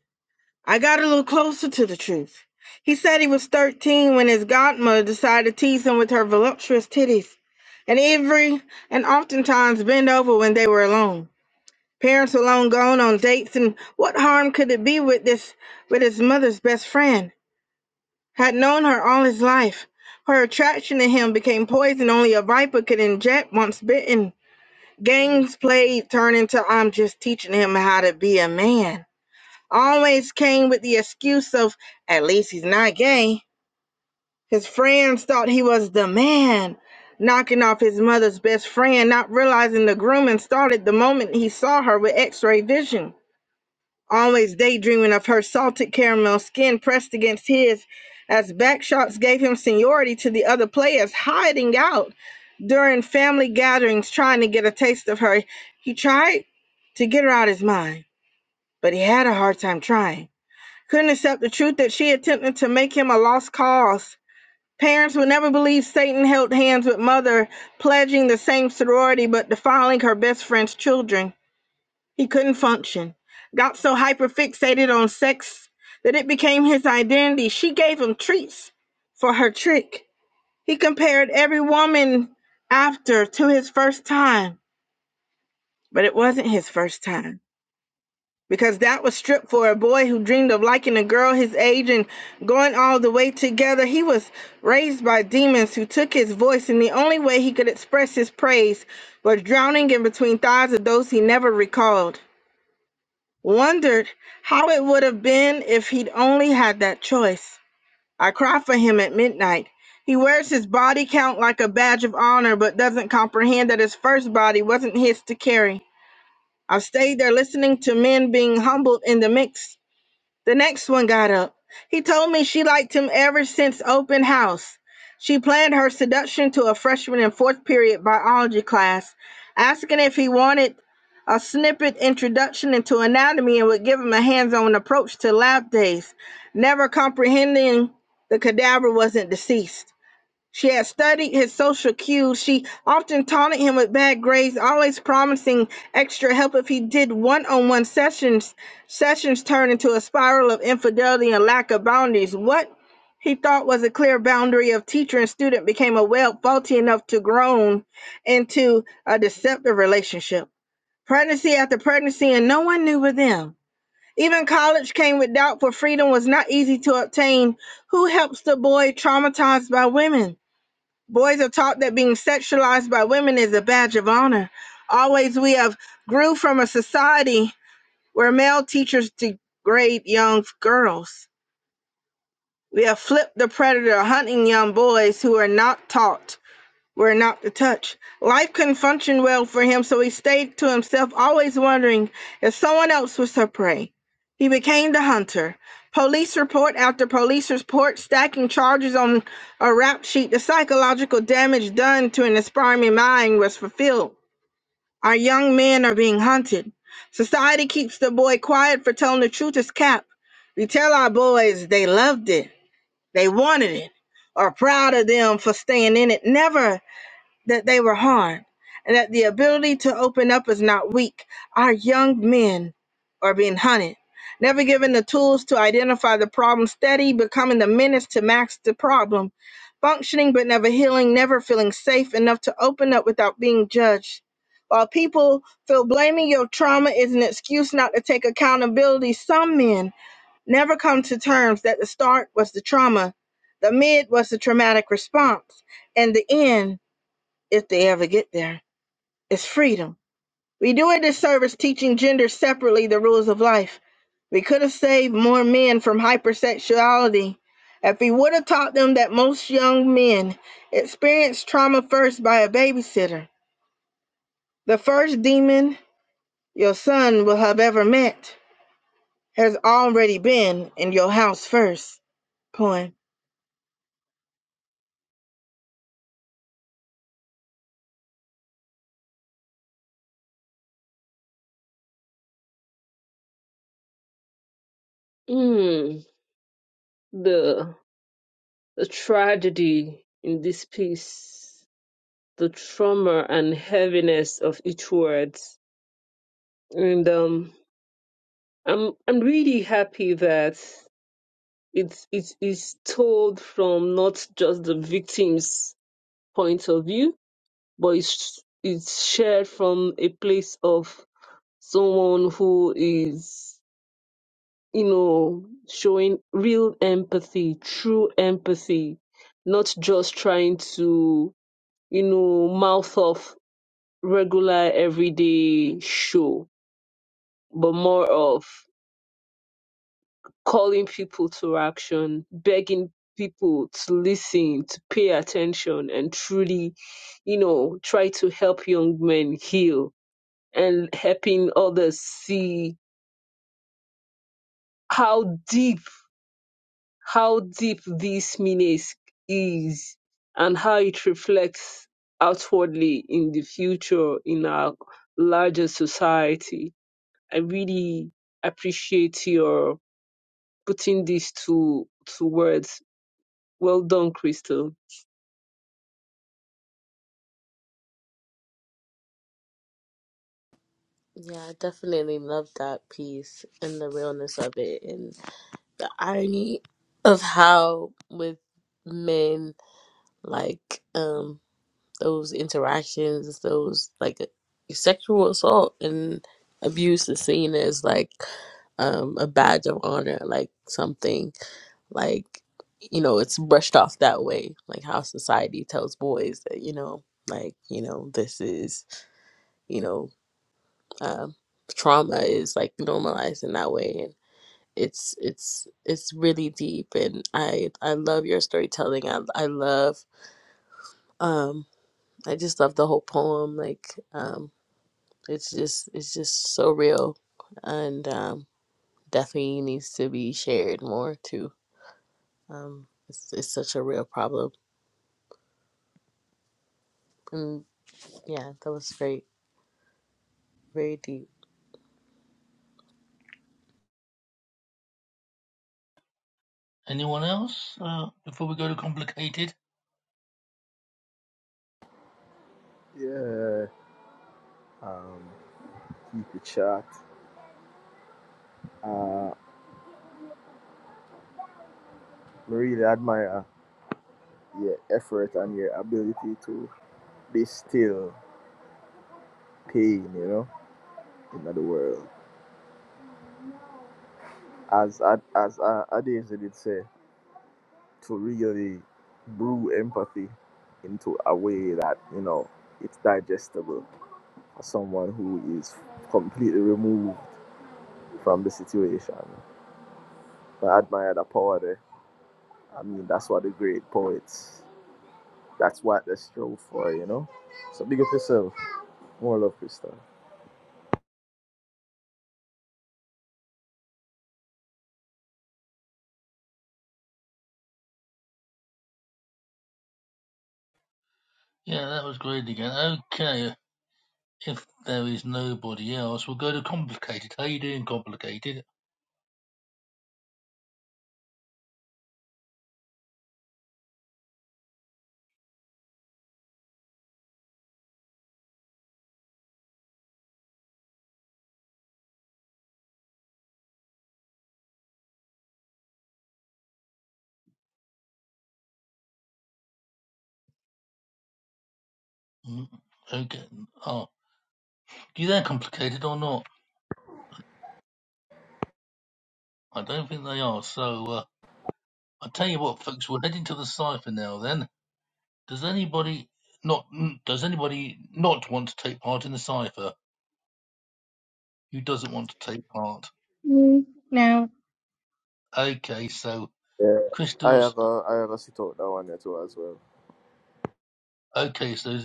[SPEAKER 6] I got a little closer to the truth. He said he was 13 when his godmother decided to tease him with her voluptuous titties, and every and oftentimes bend over when they were alone. Parents alone gone on dates, and what harm could it be with this with his mother's best friend? Had known her all his life. Her attraction to him became poison only a viper could inject once bitten. Games played turned into I'm just teaching him how to be a man always came with the excuse of at least he's not gay. His friends thought he was the man, knocking off his mother's best friend, not realizing the grooming started the moment he saw her with x ray vision. Always daydreaming of her salted caramel skin pressed against his, as backshots gave him seniority to the other players, hiding out during family gatherings, trying to get a taste of her. He tried to get her out of his mind, but he had a hard time trying couldn't accept the truth that she attempted to make him a lost cause. Parents would never believe Satan held hands with mother, pledging the same sorority but defiling her best friend's children. He couldn't function. Got so hyperfixated on sex that it became his identity. She gave him treats for her trick. He compared every woman after to his first time, but it wasn't his first time. because that was stripped for a boy who dreamed of liking a girl his age and going all the way together. He was raised by demons who took his voice, and the only way he could express his praise was drowning in between thighs of those he never recalled. Wondered how it would have been if he'd only had that choice. I cry for him at midnight. He wears his body count like a badge of honor, but doesn't comprehend that his first body wasn't his to carry. I've stayed there listening to men being humbled in the mix the next one got up. He told me she liked him ever since open house. She planned her seduction to a freshman in fourth period biology class, asking if he wanted a snippet introduction into anatomy and would give him a hands on approach to lab days, never comprehending the cadaver wasn't deceased. She had studied his social cues. She often taunted him with bad grades, always promising extra help if he did one-on-one sessions. Sessions turned into a spiral of infidelity and lack of boundaries. What he thought was a clear boundary of teacher and student became a web faulty enough to groan into a deceptive relationship. Pregnancy after pregnancy, and no one knew but them. Even college came with doubt, for freedom was not easy to obtain. Who helps the boy traumatized by women? Boys are taught that being sexualized by women is a badge of honor. Always we have grew from a society where male teachers degrade young girls. We have flipped the predator hunting young boys who are not taught were not to touch. Life couldn't function well for him, so he stayed to himself, always wondering if someone else was her prey. He became the hunter. Police report after police report, stacking charges on a rap sheet, the psychological damage done to an aspiring mind was fulfilled. Our young men are being hunted. Society keeps the boy quiet for telling the truth is cap. We tell our boys they loved it, they wanted it, are proud of them for staying in it. Never that they were harmed and that the ability to open up is not weak. Our young men are being hunted, never given the tools to identify the problem, steady becoming the menace to max the problem, functioning but never healing, never feeling safe enough to open up without being judged. While people feel blaming your trauma is an excuse not to take accountability, some men never come to terms that the start was the trauma, the mid was the traumatic response, and the end if they ever get there, is freedom. We do a disservice teaching gender separately the rules of life. We could have saved more men from hypersexuality if we would have taught them that most young men experience trauma first by a babysitter. The first demon your son will have ever met has already been in your house first. Poem.
[SPEAKER 3] Mm, the the tragedy in this piece, the trauma and heaviness of each word. And um, I'm I'm really happy that it's it is told from not just the victim's point of view, but it's it's shared from a place of someone who is you know showing real empathy, true empathy, not just trying to you know mouth off regular everyday show, but more of calling people to action, begging people to listen, to pay attention, and truly, you know, try to help young men heal and helping others see how deep, how deep this menace is and how it reflects outwardly in the future in our larger society I really appreciate your putting this to to words. Well done, Crystal.
[SPEAKER 4] Yeah, I definitely love that piece and the realness of it and the irony of how with men like um. those interactions, those like sexual assault and abuse is seen as like um, a badge of honor, like something like you know it's brushed off that way, like how society tells boys that you know like you know this is you know um, trauma is like normalized in that way and it's it's it's really deep and i i love your storytelling i i love um i just love the whole poem like um. It's just it's just so real, and um, definitely needs to be shared more too. Um, it's it's such a real problem, and yeah, that was great, very deep.
[SPEAKER 1] Anyone else uh, before we go to complicated?
[SPEAKER 2] Yeah, um, keep it short. Uh, I really admire your effort and your ability to distill pain, you know, in the world. As as as uh, Adesa did say, to really brew empathy into a way that you know it's digestible. someone who is completely removed from the situation. But I admire the power there. I mean, that's what the great poets, that's what they strove for, you know? So big up yourself. More love, Krista.
[SPEAKER 1] Yeah, that was great again. Okay, if there is nobody else, we'll go to complicated. How you doing, complicated? Mm, Okay, oh, you there, complicated or not? I don't think they are. So uh, I tell you what, folks, we're heading to the cipher now. Then does anybody not? mm, Does anybody not want to take part in the cipher? Who doesn't want to take part?
[SPEAKER 6] Mm, No.
[SPEAKER 1] Okay, so
[SPEAKER 2] Yeah. I
[SPEAKER 1] crystals.
[SPEAKER 2] have a, I have a sit out that one there too as well.
[SPEAKER 1] Okay, so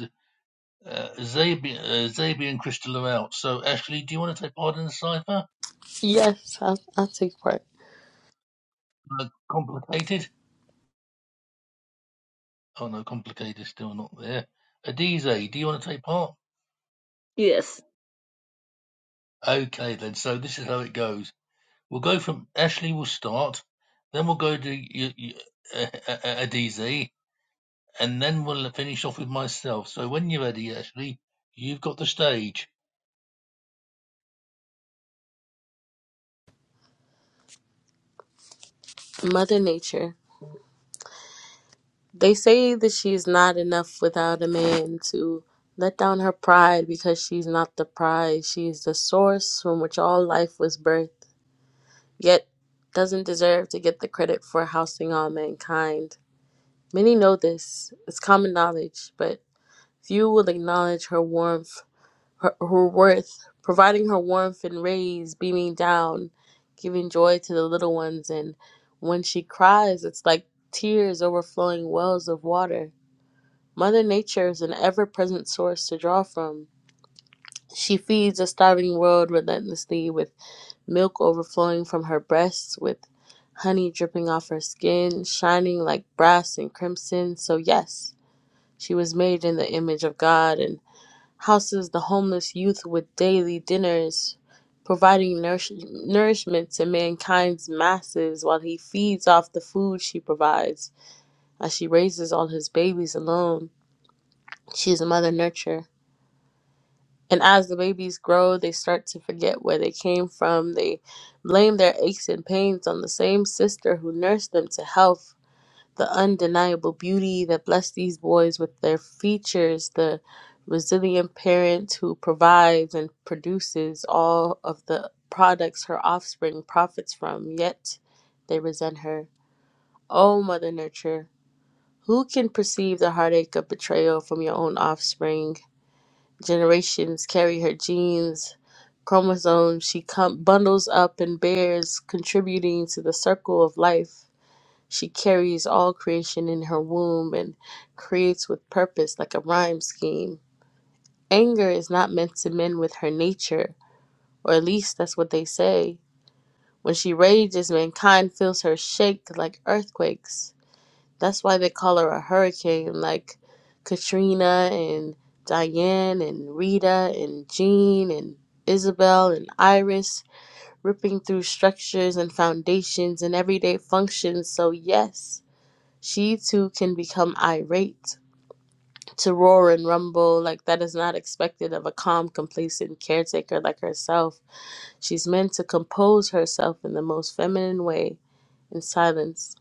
[SPEAKER 1] Uh, Zabi, uh, Zabi and Crystal are out. So, Ashley, do you want to take part in the cipher?
[SPEAKER 4] Yes, I'll, I'll take part.
[SPEAKER 1] Uh, complicated? Oh no, complicated is still not there. Adize, do you want to take part?
[SPEAKER 3] Yes,
[SPEAKER 1] Okay, then. So this is how it goes. We'll go from Ashley. will start. Then we'll go to y y uh, uh, uh, Adize, and then we'll finish off with myself. So when you're ready, Ashley, you've got the stage.
[SPEAKER 4] Mother Nature. They say that she is not enough without a man to let down her pride because she's not the prize. She is the source from which all life was birthed, yet doesn't deserve to get the credit for housing all mankind. Many know this, it's common knowledge, but few will acknowledge her warmth, her, her worth, providing her warmth and rays beaming down, giving joy to the little ones. And when she cries, it's like tears overflowing wells of water. Mother Nature is an ever present source to draw from. She feeds a starving world relentlessly with milk overflowing from her breasts, with honey dripping off her skin, shining like brass and crimson. So, yes. She was made in the image of God and houses the homeless youth with daily dinners, providing nourish- nourishment to mankind's masses while he feeds off the food she provides as she raises all his babies alone. She is a mother nurturer. And as the babies grow, they start to forget where they came from. They blame their aches and pains on the same sister who nursed them to health the undeniable beauty that blessed these boys with their features, the resilient parent who provides and produces all of the products her offspring profits from, yet they resent her. O Mother Nurture, who can perceive the heartache of betrayal from your own offspring? Generations carry her genes, chromosomes she com- bundles up and bears, contributing to the circle of life. She carries all creation in her womb and creates with purpose like a rhyme scheme. Anger is not meant to mend with her nature, or at least that's what they say. When she rages, mankind feels her shake like earthquakes. That's why they call her a hurricane, like Katrina and Diane and Rita and Jean and Isabel and Iris, ripping through structures and foundations and everyday functions. So, yes. She too can become irate, to roar and rumble like that is not expected of a calm, complacent caretaker like herself. She's meant to compose herself in the most feminine way in silence.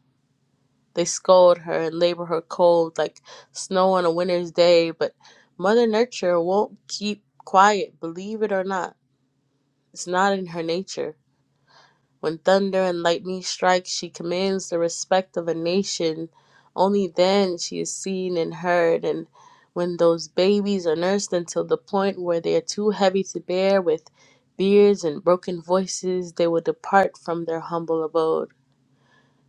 [SPEAKER 4] They scold her and labor her cold like snow on a winter's day, but Mother Nature won't keep quiet, believe it or not. It's not in her nature. When thunder and lightning strike, she commands the respect of a nation. Only then she is seen and heard. And when those babies are nursed until the point where they are too heavy to bear, with beards and broken voices, they will depart from their humble abode.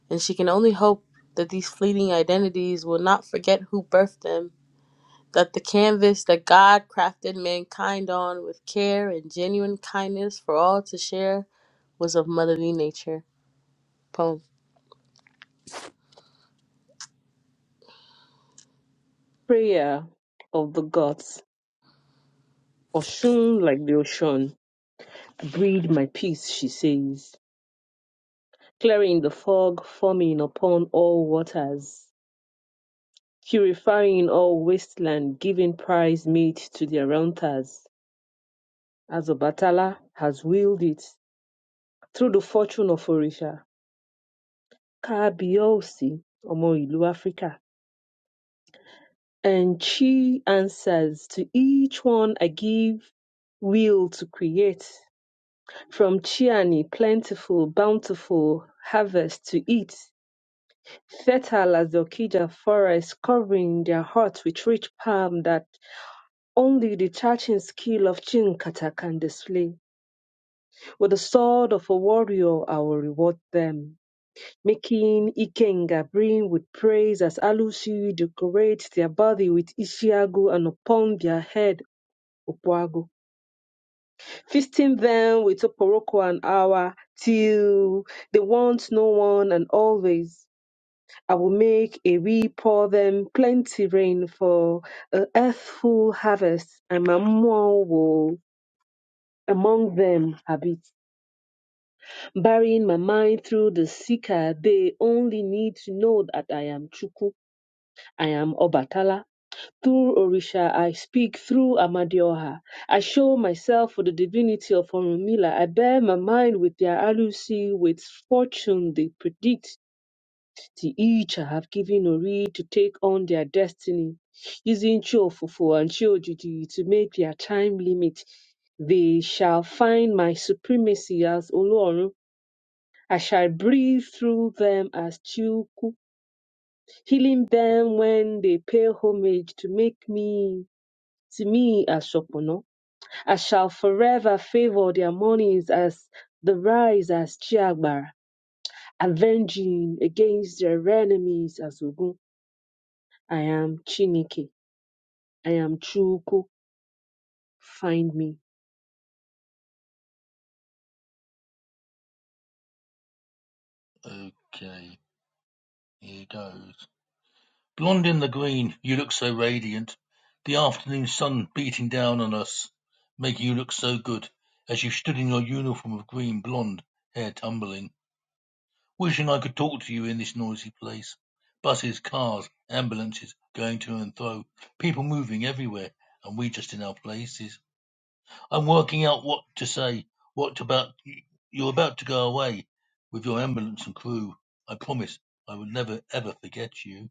[SPEAKER 4] And she can only hope that these fleeting identities will not forget who birthed them, that the canvas that God crafted mankind on with care and genuine kindness for all to share was of motherly nature. Poem.
[SPEAKER 3] prayer of the gods. Oshun like the ocean. Breathe my peace, she says. Clearing the fog, forming upon all waters. Purifying all wasteland, giving prize meat to their rounders. As Obatala has willed it, through the fortune of Orisha. Kaabiosi, Omo Ilu Africa And she answers, To each one I give will to create. From Chiani, plentiful, bountiful harvest to eat. Fertile as the Okija forest, covering their hearts with rich palm that only the touching skill of Chinkata can display. With the sword of a warrior, I will reward them. Making Ikenga brim with praise as Alusi decorates their body with Ishiagu and upon their head Opoagu. Feasting them with Oporoko an hour till they want no one and always. I will make a we pour them plenty rain for a earthful harvest, and my mom will among them habit. Burying my mind through the seeker, they only need to know that I am Chuku, I am Obatala, Through Orisha I speak, through Amadioha I show myself for the divinity of Orunmila. I bear my mind with their alusi, with fortune they predict. To each I have given Ori to take on their destiny, using Chiofufu and Chiojiji to make their time limit. They shall find my supremacy as Olorun. I shall breathe through them as Chiuku, healing them when they pay homage to make me to me as Shopono, I shall forever favor their mornings as the rise as Chiagbara, avenging against their enemies as Ogun. I am Chinike. I am Chuku. Find me.
[SPEAKER 1] Okay, here goes. Blond in the green, you look so radiant. The afternoon sun beating down on us made you look so good as you stood in your uniform of green blond, hair tumbling. Wishing I could talk to you in this noisy place. Buses, cars, ambulances going to and fro, people moving everywhere, and we just in our places. I'm working out what to say, what about you're about to go away with your ambulance and crew. I promise I will never ever forget you.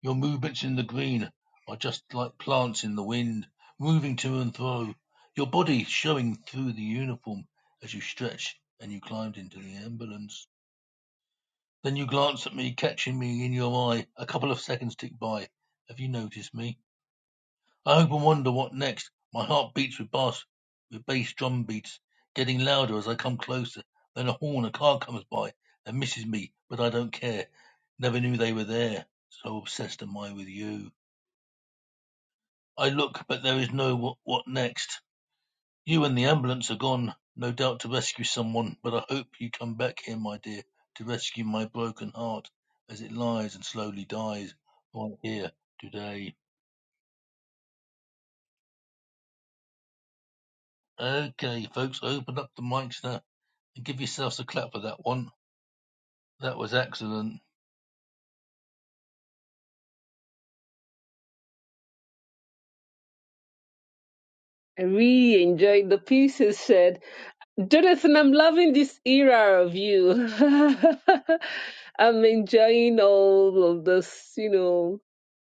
[SPEAKER 1] Your movements in the green are just like plants in the wind, moving to and fro, your body showing through the uniform as you stretched and you climbed into the ambulance. Then you glanced at me, catching me in your eye. A couple of seconds ticked by. Have you noticed me? I hope and wonder what next. My heart beats with bass, with bass drum beats, getting louder as I come closer. Then a horn, a car comes by and misses me, but I don't care. Never knew they were there. So obsessed am I with you. I look, but there is no what, what next. You and the ambulance are gone, no doubt to rescue someone, but I hope you come back here, my dear, to rescue my broken heart as it lies and slowly dies right here today. Okay, folks, open up the mics now and give yourselves a clap for that one. That was excellent.
[SPEAKER 3] I really enjoyed the pieces said. Jonathan, I'm loving this era of you. I'm enjoying all of this, you know,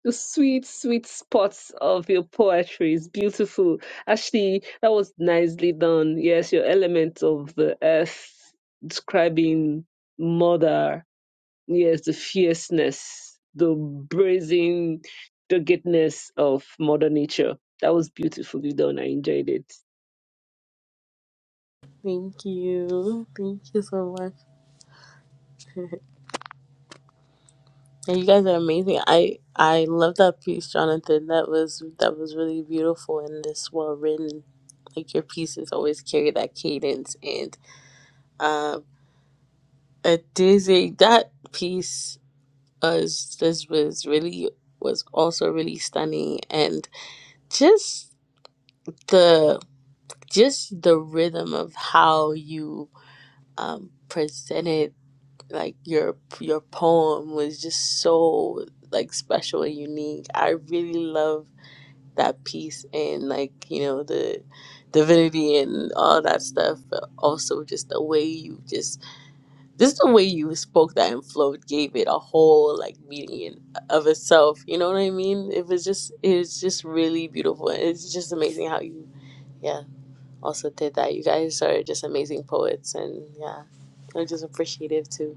[SPEAKER 3] the sweet, sweet spots of your poetry is beautiful. Actually, that was nicely done. Yes, your element of the earth describing mother. Yes, the fierceness, the brazen doggedness of mother nature. That was beautifully done. I enjoyed it.
[SPEAKER 4] Thank you. Thank you so much. And you guys are amazing. I I love that piece, Jonathan. That was that was really beautiful and this well written. Like your pieces always carry that cadence and uh, a dizzy that piece was this was really was also really stunning and just the just the rhythm of how you um presented like your your poem was just so like special and unique. I really love that piece and like you know the divinity and all that stuff. But also just the way you just just the way you spoke that and flowed gave it a whole like meaning in, of itself. You know what I mean? It was just it was just really beautiful. It's just amazing how you yeah also did that. You guys are just amazing poets and yeah, I'm just appreciative too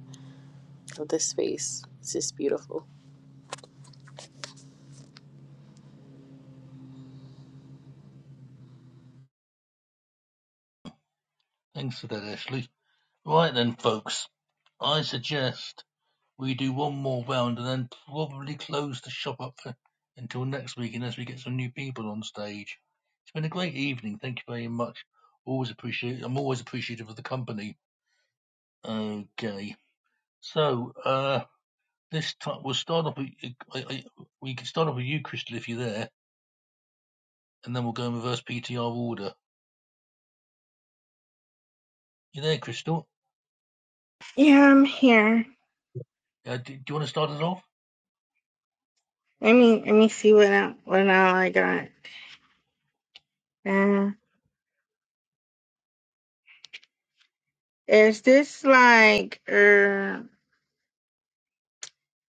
[SPEAKER 4] of this space. It's just beautiful.
[SPEAKER 1] Thanks for that, Ashley. Right then, folks, I suggest. We do one more round and then probably close the shop up for, until next week unless we get some new people on stage. It's been a great evening. Thank you very much. Always appreciate. I'm always appreciative of the company. Okay. So uh, this time we'll start off. With, I, I, we can start off with you, Crystal, if you're there, and then we'll go in reverse PTR order. You there, Crystal?
[SPEAKER 6] Yeah, I'm here.
[SPEAKER 1] Uh, do, do you want to start us off?
[SPEAKER 6] Let me let me see what I, what all I got. Uh, Is this like a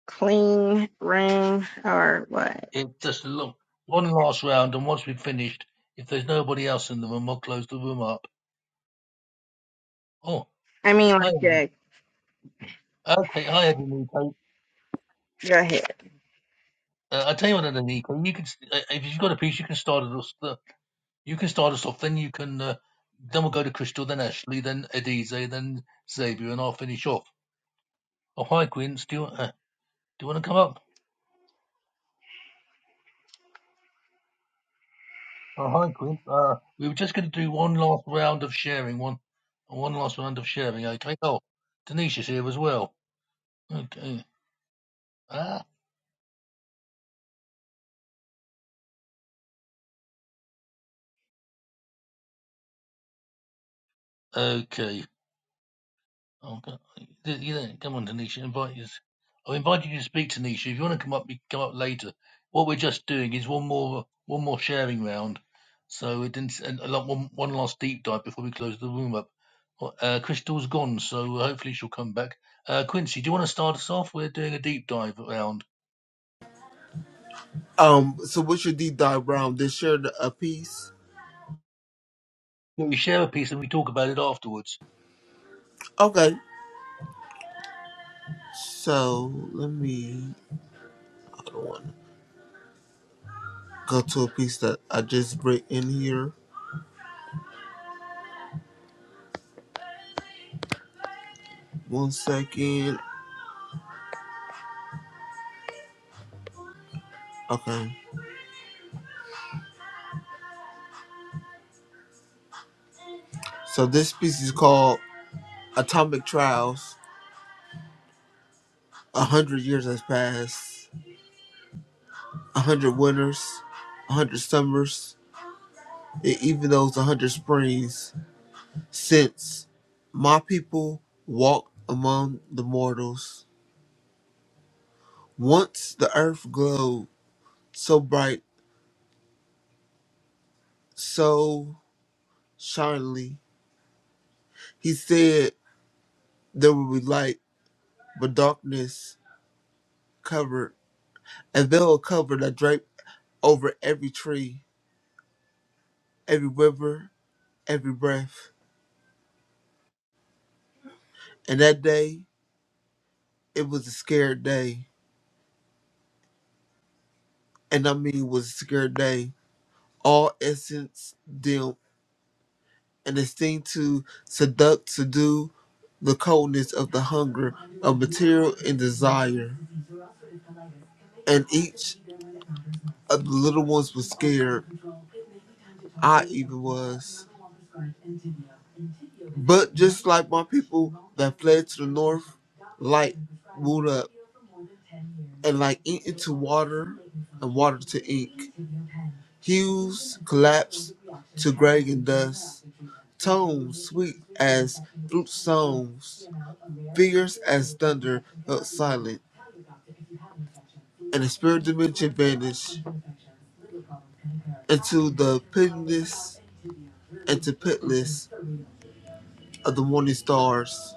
[SPEAKER 6] clean room or what?
[SPEAKER 1] It's just a look, one last round, and once we've finished, if there's nobody else in the room, I'll close the room up. Oh,
[SPEAKER 6] I mean, like,
[SPEAKER 1] hi.
[SPEAKER 6] yeah,
[SPEAKER 1] Okay, hi Nico.
[SPEAKER 6] go ahead.
[SPEAKER 1] Uh, I tell you what, Nico, you can uh, if you've got a piece, you can start us. Uh, you can start us off. Then you can. Uh, then we'll go to Crystal, then Ashley, then Edize, then Xavier, and I'll finish off. Oh hi Quince, do you uh, do you want to come up? Oh hi Quince. Uh, we were just going to do one last round of sharing. One one last round of sharing. Okay. Oh, Denise is here as well. Okay. Ah. Okay. Oh, go- you don't you don't- come on, Tanisha. Invite you. I've invited you to speak, Tanisha. If you want to come up, you can come up later. What we're just doing is one more one more sharing round. So it didn't and a lot one, one last deep dive before we close the room up. Well, Uh, Crystal's gone, so uh, hopefully she'll come back. Uh, Quincy, do you want to start us off? We're doing a deep dive round.
[SPEAKER 7] Um, so what's your deep dive round? They shared a piece.
[SPEAKER 1] We share a piece and we talk about it afterwards.
[SPEAKER 7] Okay, so let me. I don't want to go to a piece that I just read in here. One second. Okay, so this piece is called "Atomic Trials." A hundred years has passed. A hundred winters, a hundred summers, and even those a hundred springs since my people walked among the mortals. Once the earth glowed so bright so shiningly. He said there will be light, but darkness covered, and veil a cover that draped over every tree, every river, every breath. And that day, it was a scared day, and I mean, it was a scared day. All essence dim, and it seemed to seduct, subdue the coldness of the hunger of material and desire. And each of the little ones was scared. I even was. But just like my people that fled to the north, light would up and like ink into water and water to ink. Hues collapsed to gray and dust. Tones sweet as flute songs, fierce as thunder felt silent, and the spirit dimension vanished into the pitiless into pitless of the morning stars.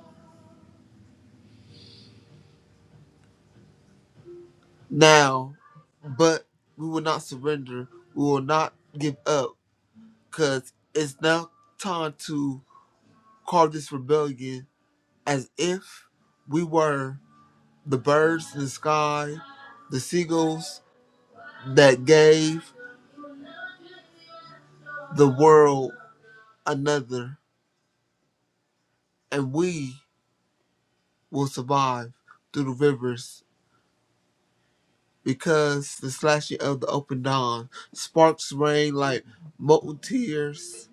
[SPEAKER 7] Now, but we will not surrender. We will not give up because it's now time to call this rebellion as if we were the birds in the sky, the seagulls that gave the world another, and we will survive through the rivers because the slashing of the open dawn sparks rain like molten tears.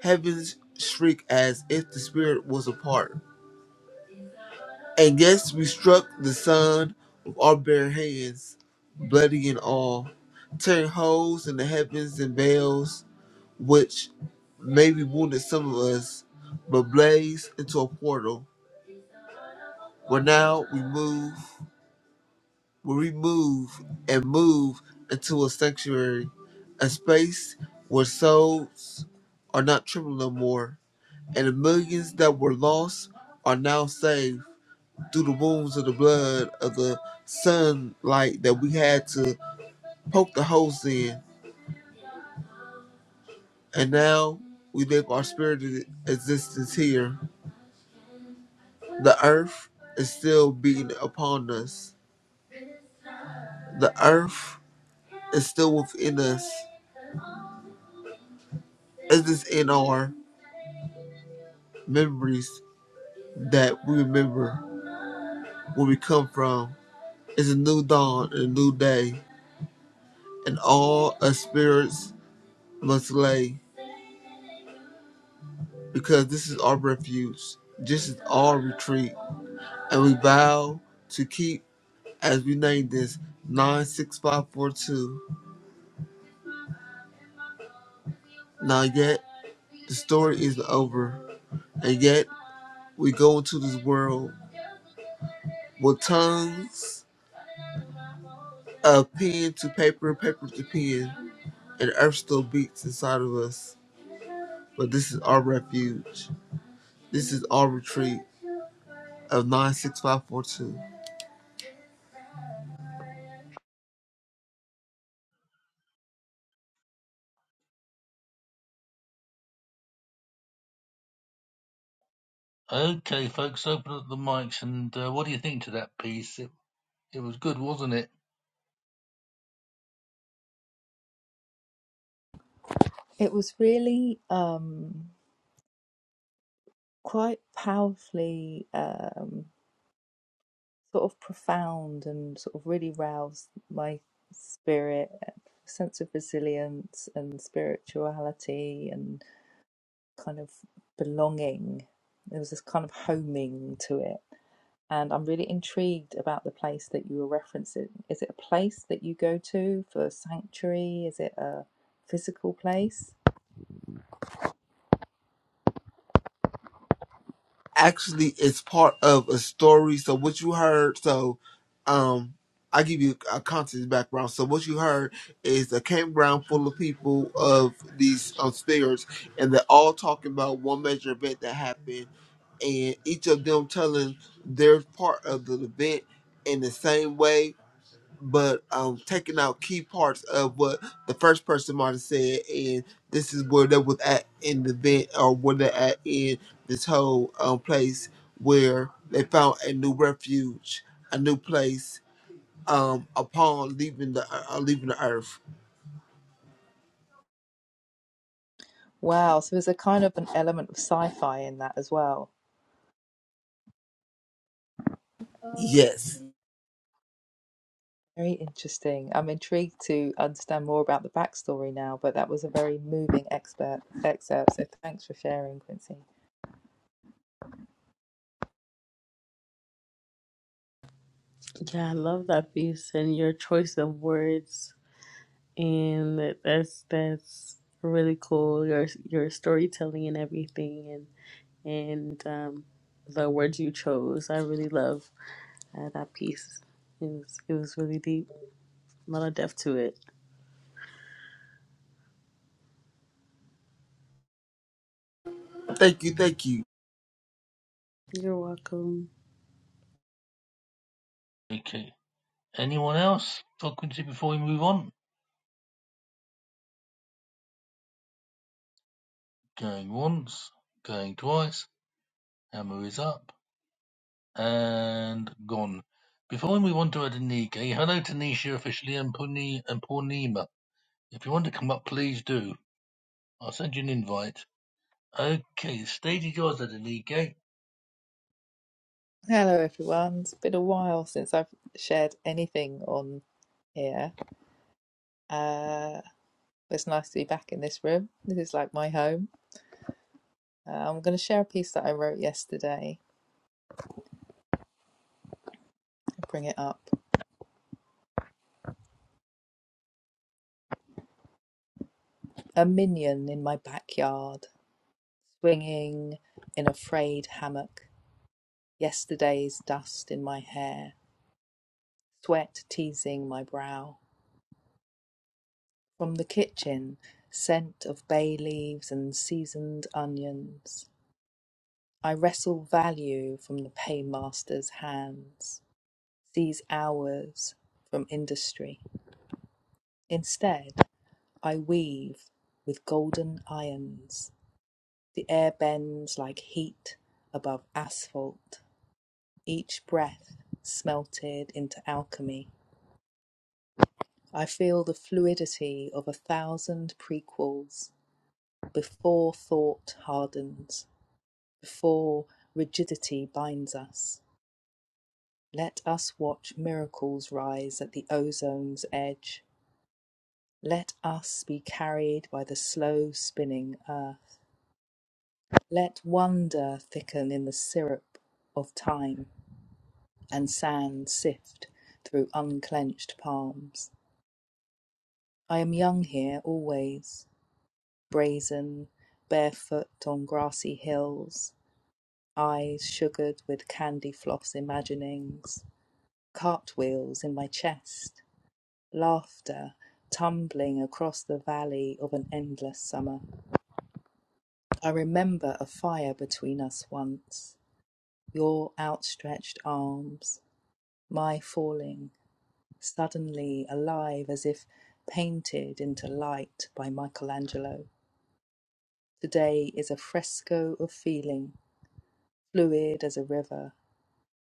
[SPEAKER 7] Heavens shriek as if the spirit was apart. And yes, we struck the sun with our bare hands, bloody and all, tearing holes in the heavens and veils, which maybe wounded some of us, but blazed into a portal. Where now we move, where we move and move into a sanctuary, a space where souls are not troubled no more, and the millions that were lost are now saved. through the wounds of the blood of the sunlight that we had to poke the holes in. And now we live our spirited existence here. The earth is still beating upon us. The earth is still within us. It is in our memories that we remember where we come from. It's a new dawn and a new day. And all us spirits must lay because this is our refuge. This is our retreat and we vow to keep as we name this 96542. Now, yet the story isn't over, and yet we go into this world with tongues of pen to paper and paper to pen, and earth still beats inside of us. But this is our refuge, this is our retreat of 96542.
[SPEAKER 1] Okay, folks, open up the mics and uh, what do you think to that piece? It, it was good, wasn't it?
[SPEAKER 8] It was really um, quite powerfully um, sort of profound and sort of really roused my spirit, uh, sense of resilience and spirituality and kind of belonging. There was this kind of homing to it. And I'm really intrigued about the place that you were referencing. Is it a place that you go to for sanctuary? Is it a physical place?
[SPEAKER 7] actually it's part of a story. So what you heard, so um I give you a context background. So what you heard is a campground full of people of these um, spirits, and they're all talking about one major event that happened, and each of them telling their part of the event in the same way, but um, taking out key parts of what the first person might have said, and this is where they was at in the event, or where they're at in this whole um, place where they found a new refuge, a new place um, upon leaving the uh, uh, leaving the earth.
[SPEAKER 8] Wow. So there's a kind of an element of sci fi in that as well.
[SPEAKER 7] Yes,
[SPEAKER 8] Very interesting. I'm intrigued to understand more about the backstory now, but that was a very moving expert excerpt. So thanks for sharing, Quincy.
[SPEAKER 4] Yeah, I love that piece and your choice of words, and that- that's that's really cool. Your your storytelling and everything, and and um, the words you chose, I really love uh, that piece. It was it was really deep. A lot of depth to it.
[SPEAKER 7] thank you, thank you.
[SPEAKER 4] You're welcome.
[SPEAKER 1] Okay, Anyone else talking to before we move on? Going once, going twice. Hammer is up and gone. Before we move on to Adenike, hello to Nisha officially and Purni and Purnima. If you want to come up, please do. I'll send you an invite. Okay, the stage is yours, Adenike.
[SPEAKER 8] Hello, everyone. It's been a while since I've shared anything on here. Uh, it's nice to be back in this room. This is like my home. Uh, I'm going to share a piece that I wrote yesterday and bring it up. A minion in my backyard, swinging in a frayed hammock, yesterday's dust in my hair, sweat teasing my brow. From the kitchen, scent of bay leaves and seasoned onions. I wrestle value from the paymaster's hands, seize hours from industry. Instead, I weave with golden irons. The air bends like heat above asphalt, each breath smelted into alchemy. I feel the fluidity of a thousand prequels before thought hardens. before rigidity binds us. Let us watch miracles rise at the ozone's edge. Let us be carried by the slow spinning earth. Let wonder thicken in the syrup of time and sand sift through unclenched palms. I am young here always, brazen, barefoot on grassy hills, eyes sugared with candy floss imaginings Cartwheels in my chest, laughter tumbling across the valley of an endless summer. I remember a fire between us once, your outstretched arms, my falling, suddenly alive as if painted into light by Michelangelo. Today is a fresco of feeling, fluid as a river,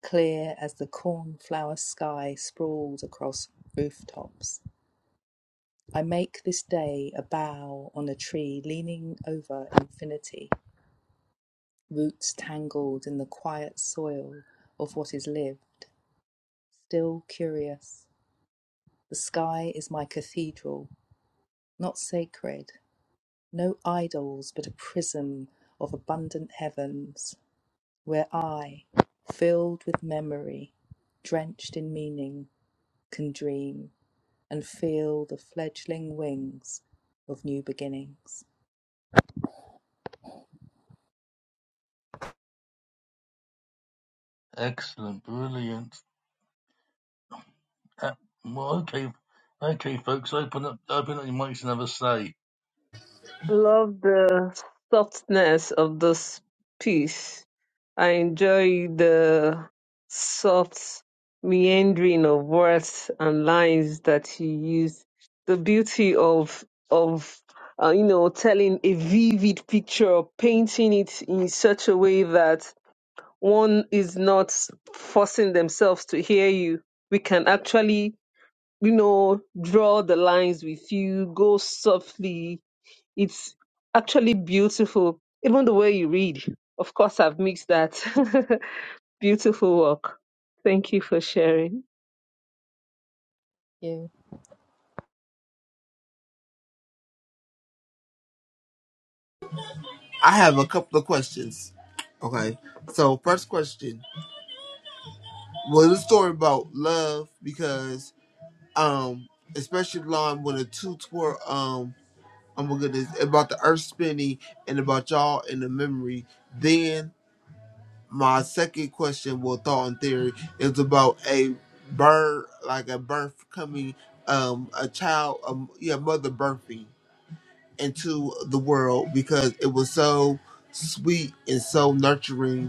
[SPEAKER 8] clear as the cornflower sky sprawled across rooftops. I make this day a bough on a tree leaning over infinity, roots tangled in the quiet soil of what is lived, still curious. The sky is my cathedral, not sacred, no idols, but a prism of abundant heavens, where I, filled with memory, drenched in meaning, can dream and feel the fledgling wings of new beginnings.
[SPEAKER 1] Excellent, brilliant. Uh, well, okay, okay, folks, open up, open up your mics and have a say.
[SPEAKER 3] I love the softness of this piece. I enjoy the soft meandering of words and lines that you use. The beauty of of uh, you know telling a vivid picture, or painting it in such a way that one is not forcing themselves to hear you. We can actually you know draw the lines with you, go softly. It's actually beautiful, even the way you read. Of course, I've mixed that. Beautiful work. Thank you for sharing.
[SPEAKER 8] Yeah.
[SPEAKER 7] I have a couple of questions. Okay, so first question was a story about love because um, especially line when the two were. um Oh my goodness, about the earth spinning and about y'all and the memory. Then my second question, well, thought and theory is about a birth, like a birth coming, um, a child, um, yeah, mother birthing into the world because it was so sweet and so nurturing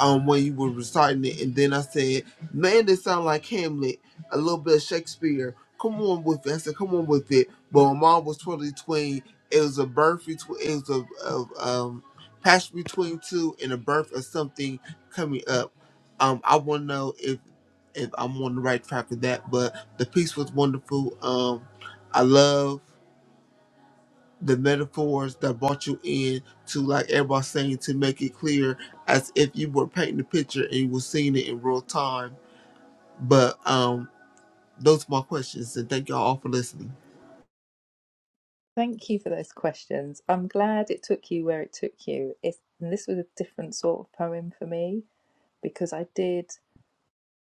[SPEAKER 7] um when you were reciting it, and then I said, "Man, they sound like Hamlet, a little bit of Shakespeare. Come on with it." I said, "Come on with it." But my mom was totally between. It was a birth between. It was a, a um passion between two and a birth of something coming up. Um, I want to know if if I'm on the right track with that. But the piece was wonderful. Um, I love the metaphors that brought you in to like everybody saying to make it clear as if you were painting the picture and you were seeing it in real time. But um those are my questions and thank y'all all for listening.
[SPEAKER 8] Thank you for those questions. I'm glad it took you where it took you. If and this was a different sort of poem for me because I did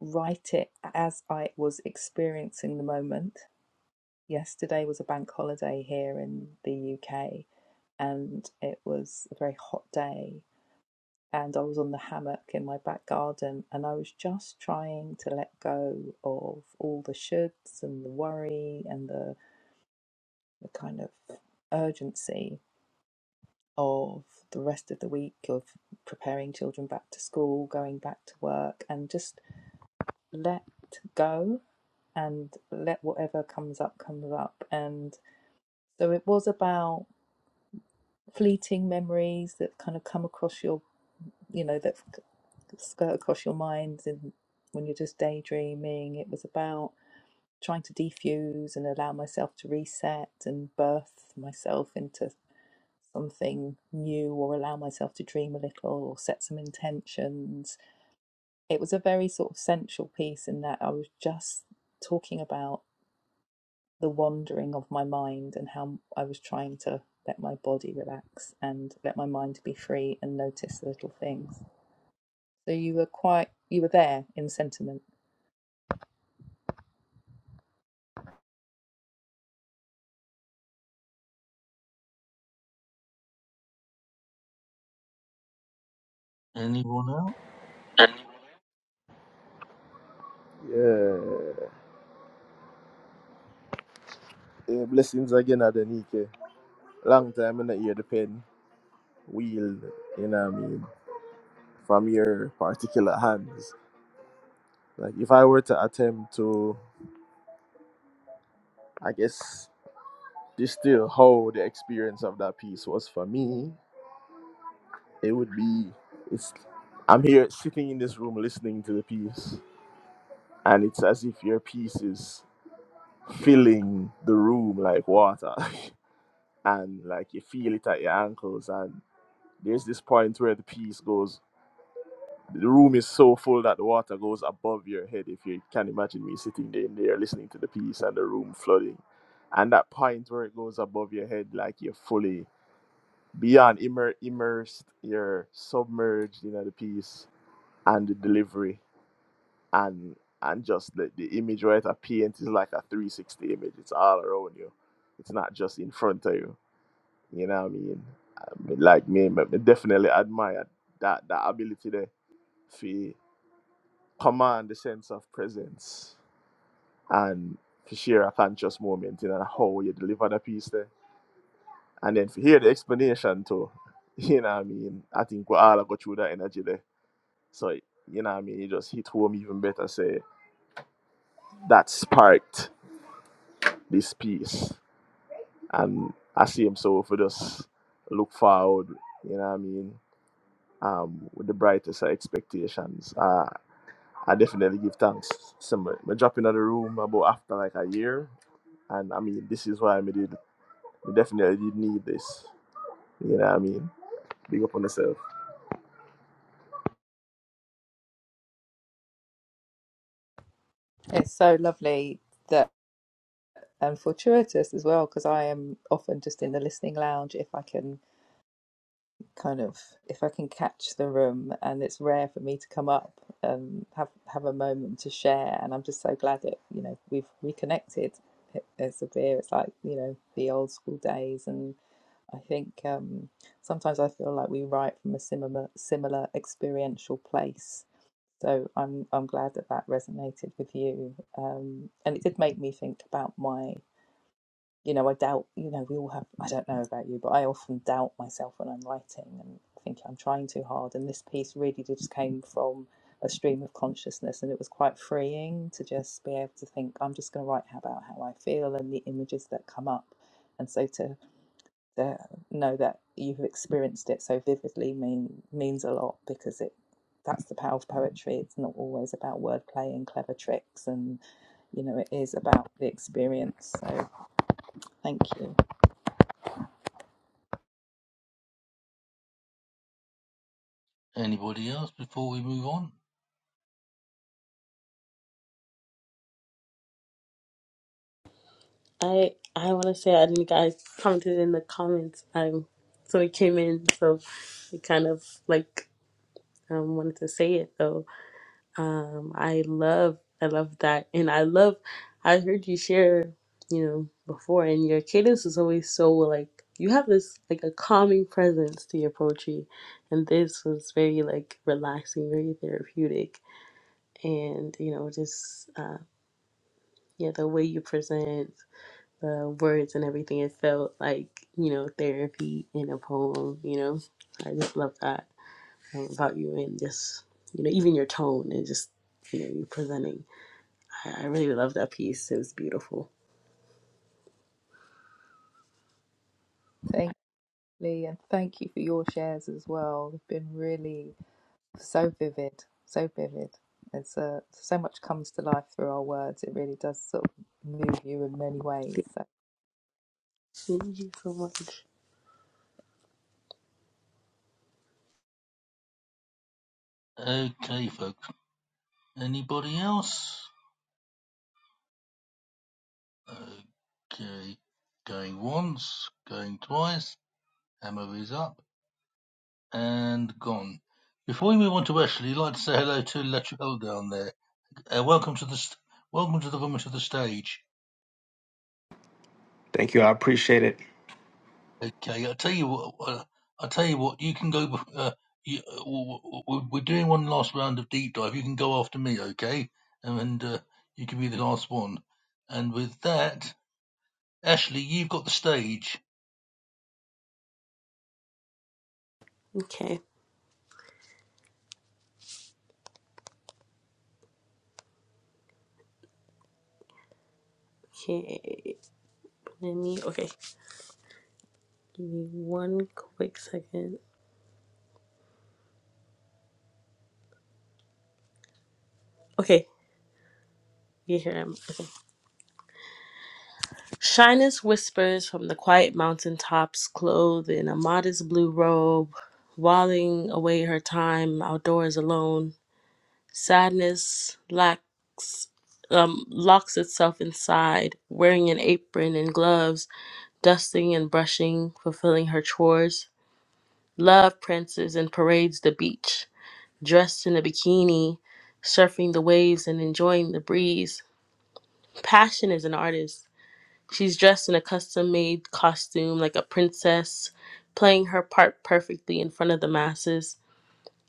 [SPEAKER 8] write it as I was experiencing the moment. Yesterday was a bank holiday here in the UK, and it was a very hot day. And I was on the hammock in my back garden, and I was just trying to let go of all the shoulds and the worry and the, the kind of urgency of the rest of the week of preparing children back to school, going back to work, and just let go and let whatever comes up comes up. And so it was about fleeting memories that kind of come across your, you know, that skirt across your mind and when you're just daydreaming. It was about trying to defuse and allow myself to reset and birth myself into something new or allow myself to dream a little or set some intentions. It was a very sort of sensual piece in that I was just talking about the wandering of my mind and how I was trying to let my body relax and let my mind be free and notice the little things. So you were quite, you were there in sentiment.
[SPEAKER 1] Anyone else?
[SPEAKER 2] Yeah. yeah blessings again, Adenike. Long time in the hear the pen wield, you know what I mean, from your particular hands. Like, if I were to attempt to, I guess, This still how the experience of that piece was for me. It would be it's I'm here sitting in this room listening to the piece and it's as if your piece is filling the room like water and like you feel it at your ankles and there's this point where the piece goes the room is so full that the water goes above your head if you can imagine me sitting there in there listening to the piece and the room flooding and that point where it goes above your head like you're fully beyond immer- immersed, you're submerged in the piece and the delivery and and just the, the image right a paint is like a 360 image. It's all around you. It's not just in front of you. You know what I mean? I mean, like me, me me definitely admire that that ability there to command the sense of presence and to share a conscious moment in and how you deliver the piece there. And then to hear the explanation too. You know what I mean? I think we all go through that energy there So you know what I mean? it just hit home even better, say that sparked this piece. And I see him so for just look forward, you know what I mean? Um with the brightest of expectations. Uh I definitely give thanks. So my, my drop in the room about after like a year. And I mean this is why I did I definitely did need this. You know what I mean? Big up on yourself.
[SPEAKER 8] It's so lovely that and fortuitous as well because I am often just in the listening lounge if I can kind of if I can catch the room and it's rare for me to come up and have have a moment to share and I'm just so glad that you know we've reconnected It- it's a beer it's like you know the old school days and I think um sometimes I feel like we write from a similar similar experiential place so I'm I'm glad that that resonated with you um and it did make me think about my you know, I doubt, you know, we all have, I don't know about you, but I often doubt myself when I'm writing and think I'm trying too hard. And this piece really just came from a stream of consciousness and it was quite freeing to just be able to think, I'm just going to write about how I feel and the images that come up. And so to, to know that you've experienced it so vividly mean, means a lot because it that's the power of poetry. It's not always about wordplay and clever tricks and, you know, it is about the experience. So thank you.
[SPEAKER 1] Anybody else before we move on?
[SPEAKER 4] I I want to say I didn't guys commented in the comments. Um, so it came in, so it kind of like um wanted to say it though Um, I love, I love that, and I love. I heard you share, you know, before, and your cadence is always so like you have this like a calming presence to your poetry, and this was very like relaxing, very therapeutic, and you know, just uh, yeah, the way you present the words and everything, it felt like you know therapy in a poem. You know, I just love that um, about you, and just you know, even your tone and just you know, you presenting. I I really love that piece. It was beautiful.
[SPEAKER 8] Thank you, Lee, and thank you for your shares as well. They've been really so vivid, so vivid. It's uh, so much comes to life through our words. It really does sort of move you in many ways.
[SPEAKER 4] Thank
[SPEAKER 8] So
[SPEAKER 4] you so much.
[SPEAKER 1] Okay, folks. Anybody else? Okay, going once, going twice, hammer is up, and gone. Before we move on to Ashley, I'd like to say hello to Latrell down there. Uh, welcome to the welcome to the woman to the stage.
[SPEAKER 9] Thank you. I appreciate it.
[SPEAKER 1] Okay, I tell you what, uh, I tell you what, you can go. Uh, you, uh, we're doing one last round of deep dive. You can go after me, okay? And uh, you can be the last one. And with that, Ashley, you've got the stage.
[SPEAKER 4] Okay. Okay. Let me. Okay. Give me one quick second. Okay. You hear him. Shyness whispers from the quiet mountain tops, clothed in a modest blue robe, whiling away her time outdoors alone. Sadness lacks, um, locks itself inside, wearing an apron and gloves, dusting and brushing, fulfilling her chores. Love princes and parades the beach, dressed in a bikini, surfing the waves and enjoying the breeze. Passion is an artist. She's dressed in a custom made costume like a princess, playing her part perfectly in front of the masses.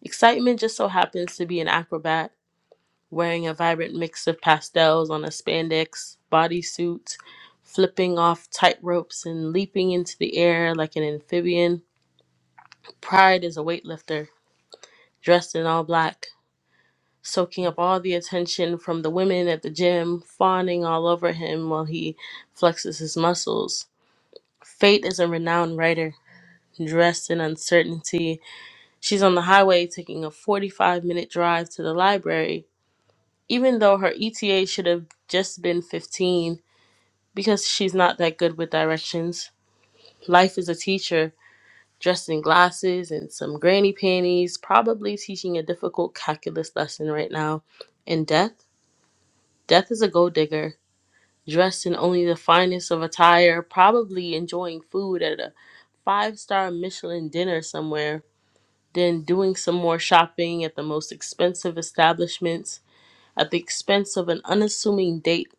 [SPEAKER 4] Excitement just so happens to be an acrobat, wearing a vibrant mix of pastels on a spandex bodysuit, flipping off tight ropes and leaping into the air like an amphibian. Pride is a weightlifter, dressed in all black soaking up all the attention from the women at the gym, fawning all over him while he flexes his muscles. Fate is a renowned writer, dressed in uncertainty. She's on the highway taking a 45 minute drive to the library, even though her ETA should have just been 15 because she's not that good with directions. Life is a teacher. Dressed in glasses and some granny panties, probably teaching a difficult calculus lesson right now. And death? Death is a gold digger dressed in only the finest of attire, probably enjoying food at a five star Michelin dinner somewhere, then doing some more shopping at the most expensive establishments at the expense of an unassuming date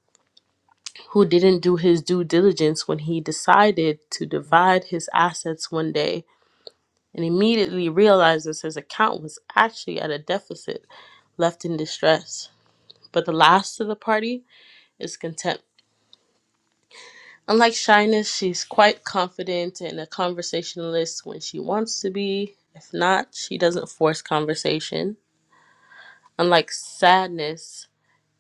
[SPEAKER 4] who didn't do his due diligence when he decided to divide his assets one day and immediately realizes his account was actually at a deficit left in distress. But the last of the party is content Unlike shyness, she's quite confident and a conversationalist when she wants to be. If not, she doesn't force conversation. Unlike sadness,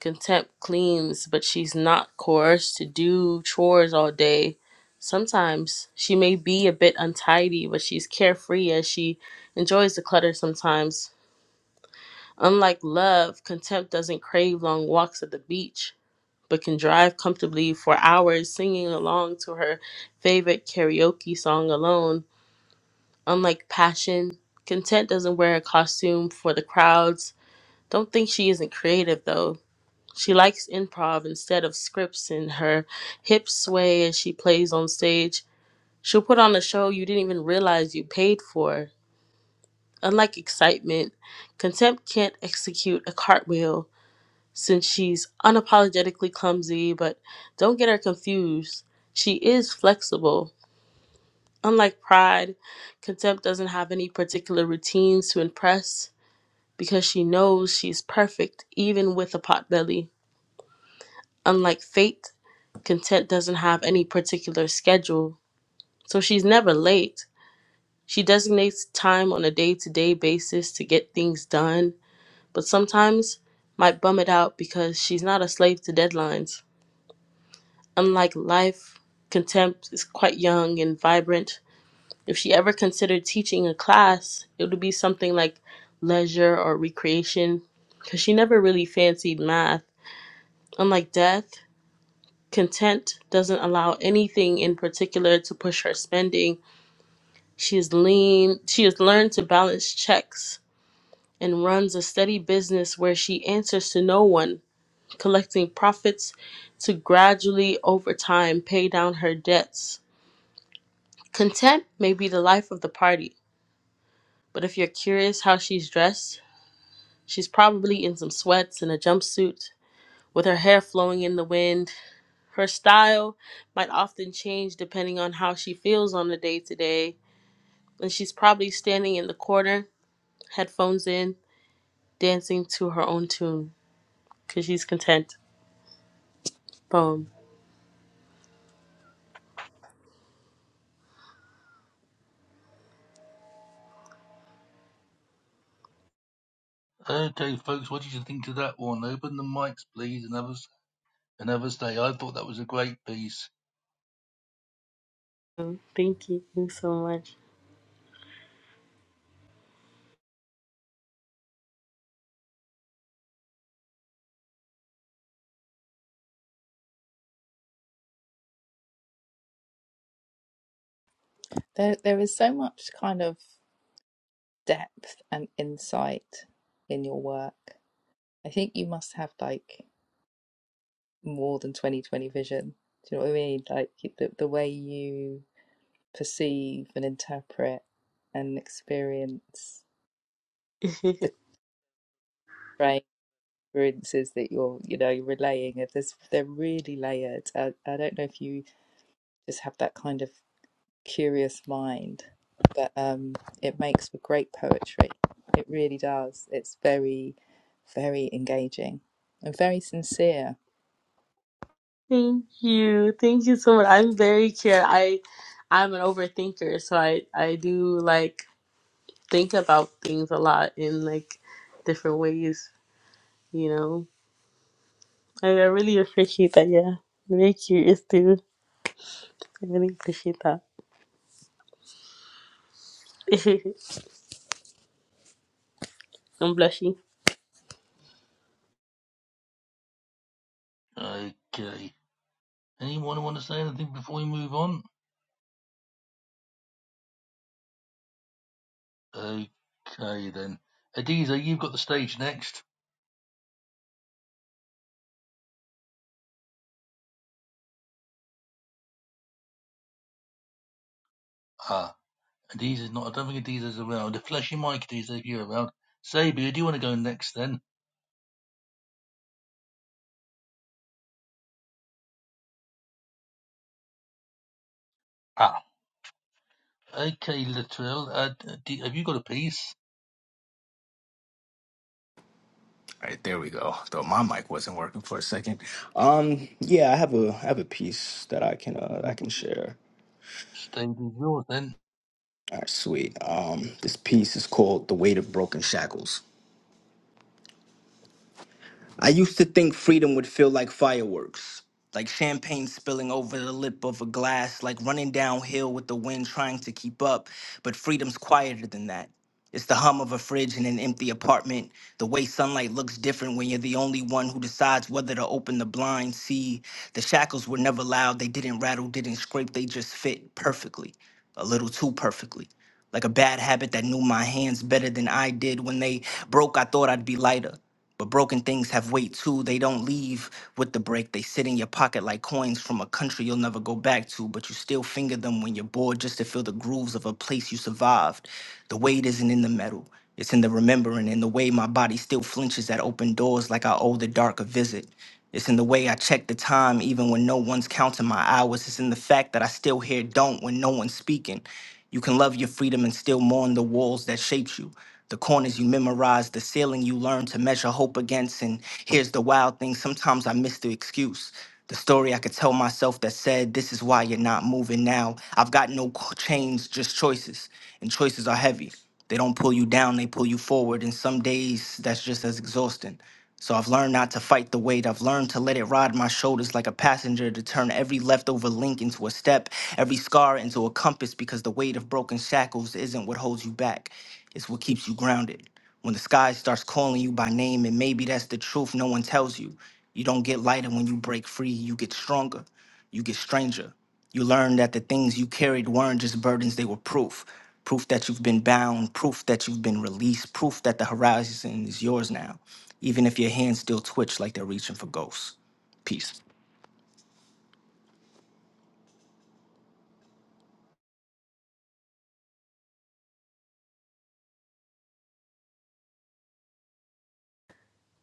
[SPEAKER 4] contempt cleans, but she's not coerced to do chores all day. Sometimes she may be a bit untidy, but she's carefree as she enjoys the clutter sometimes. Unlike love, contempt doesn't crave long walks at the beach but can drive comfortably for hours singing along to her favorite karaoke song alone. Unlike Passion, Content doesn't wear a costume for the crowds. Don't think she isn't creative though. She likes improv instead of scripts, and her hips sway as she plays on stage. She'll put on a show you didn't even realize you paid for. Unlike excitement, contempt can't execute a cartwheel since she's unapologetically clumsy, but don't get her confused. She is flexible. Unlike pride, contempt doesn't have any particular routines to impress because she knows she's perfect even with a potbelly. Unlike fate, content doesn't have any particular schedule, so she's never late. She designates time on a day to day basis to get things done, but sometimes might bum it out because she's not a slave to deadlines. Unlike life, contempt is quite young and vibrant. If she ever considered teaching a class, it would be something like leisure or recreation, because she never really fancied math. Unlike death, content doesn't allow anything in particular to push her spending. She is lean, she has learned to balance checks and runs a steady business where she answers to no one, collecting profits to gradually over time pay down her debts. Content may be the life of the party, but if you're curious how she's dressed, she's probably in some sweats and a jumpsuit with her hair flowing in the wind. Her style might often change depending on how she feels on the day to day, and she's probably standing in the corner, headphones in, dancing to her own tune because she's content. Boom.
[SPEAKER 1] Okay, folks, what did you think of that one? Open the mics, please, and have us and have a say. I thought that was a great piece.
[SPEAKER 4] Thank you so
[SPEAKER 8] there, there is so much kind of depth and insight in your work. I think you must have like more than twenty twenty vision. Do you know what I mean? Like the, the way you perceive and interpret and experience
[SPEAKER 4] much.
[SPEAKER 8] the experiences that you're you know you're relaying there's they're really layered I, I don't know if you just have that kind of curious mind but um it makes for great poetry it really does it's very very engaging and very sincere
[SPEAKER 4] Thank you. Thank you so much. I'm very curious. I I'm an overthinker, so I I do like think about things a lot in like different ways, you know. I, I really appreciate that, yeah. I'm very curious too. I really appreciate that. I'm blushing.
[SPEAKER 1] Okay. Anyone want to say anything before we move on? Okay, then. Adiza, you've got the stage next. Ah, Adiza's not. I don't think Adiza's around. A flashy mic, Adiza, if you're around. Sabia, do you want to go next then? Ah. Okay, Latrell, uh, d- have you got a piece?
[SPEAKER 9] All right, there we go. Though my mic wasn't working for a second. Um, yeah, I have a I have a piece that I can uh, I can share.
[SPEAKER 1] Stage is yours then.
[SPEAKER 9] All right, sweet. Um, this piece is called "The Weight of Broken Shackles." I used to think freedom would feel like fireworks, like champagne spilling over the lip of a glass, like running downhill with the wind trying to keep up. But freedom's quieter than that. It's the hum of a fridge in an empty apartment, the way sunlight looks different when you're the only one who decides whether to open the blind. See, the shackles were never loud, they didn't rattle, didn't scrape, they just fit perfectly, a little too perfectly like a bad habit that knew my hands better than I did. When they broke, I thought I'd be lighter. But broken things have weight too. They don't leave with the break. They sit in your pocket like coins from a country you'll never go back to, but you still finger them when you're bored just to feel the grooves of a place you survived. The weight isn't in the metal, it's in the remembering and the way my body still flinches at open doors like I owe the dark a visit. It's in the way I check the time even when no one's counting my hours. It's in the fact that I still hear don't when no one's speaking. You can love your freedom and still mourn the walls that shaped you, the corners you memorized, the ceiling you learned to measure hope against. And here's the wild thing sometimes I miss the excuse. The story I could tell myself that said, This is why you're not moving now. I've got no qu- chains, just choices. And choices are heavy. They don't pull you down, they pull you forward. And some days that's just as exhausting. So I've learned not to fight the weight. I've learned to let it ride my shoulders like a passenger to turn every leftover link into a step, every scar into a compass because the weight of broken shackles isn't what holds you back. It's what keeps you grounded. When the sky starts calling you by name and maybe that's the truth no one tells you. You don't get lighter when you break free, you get stronger. You get stranger. You learn that the things you carried weren't just burdens, they were proof. Proof that you've been bound, proof that you've been released, proof that the horizon is yours now, even if your hands still twitch like they're reaching for ghosts. Peace.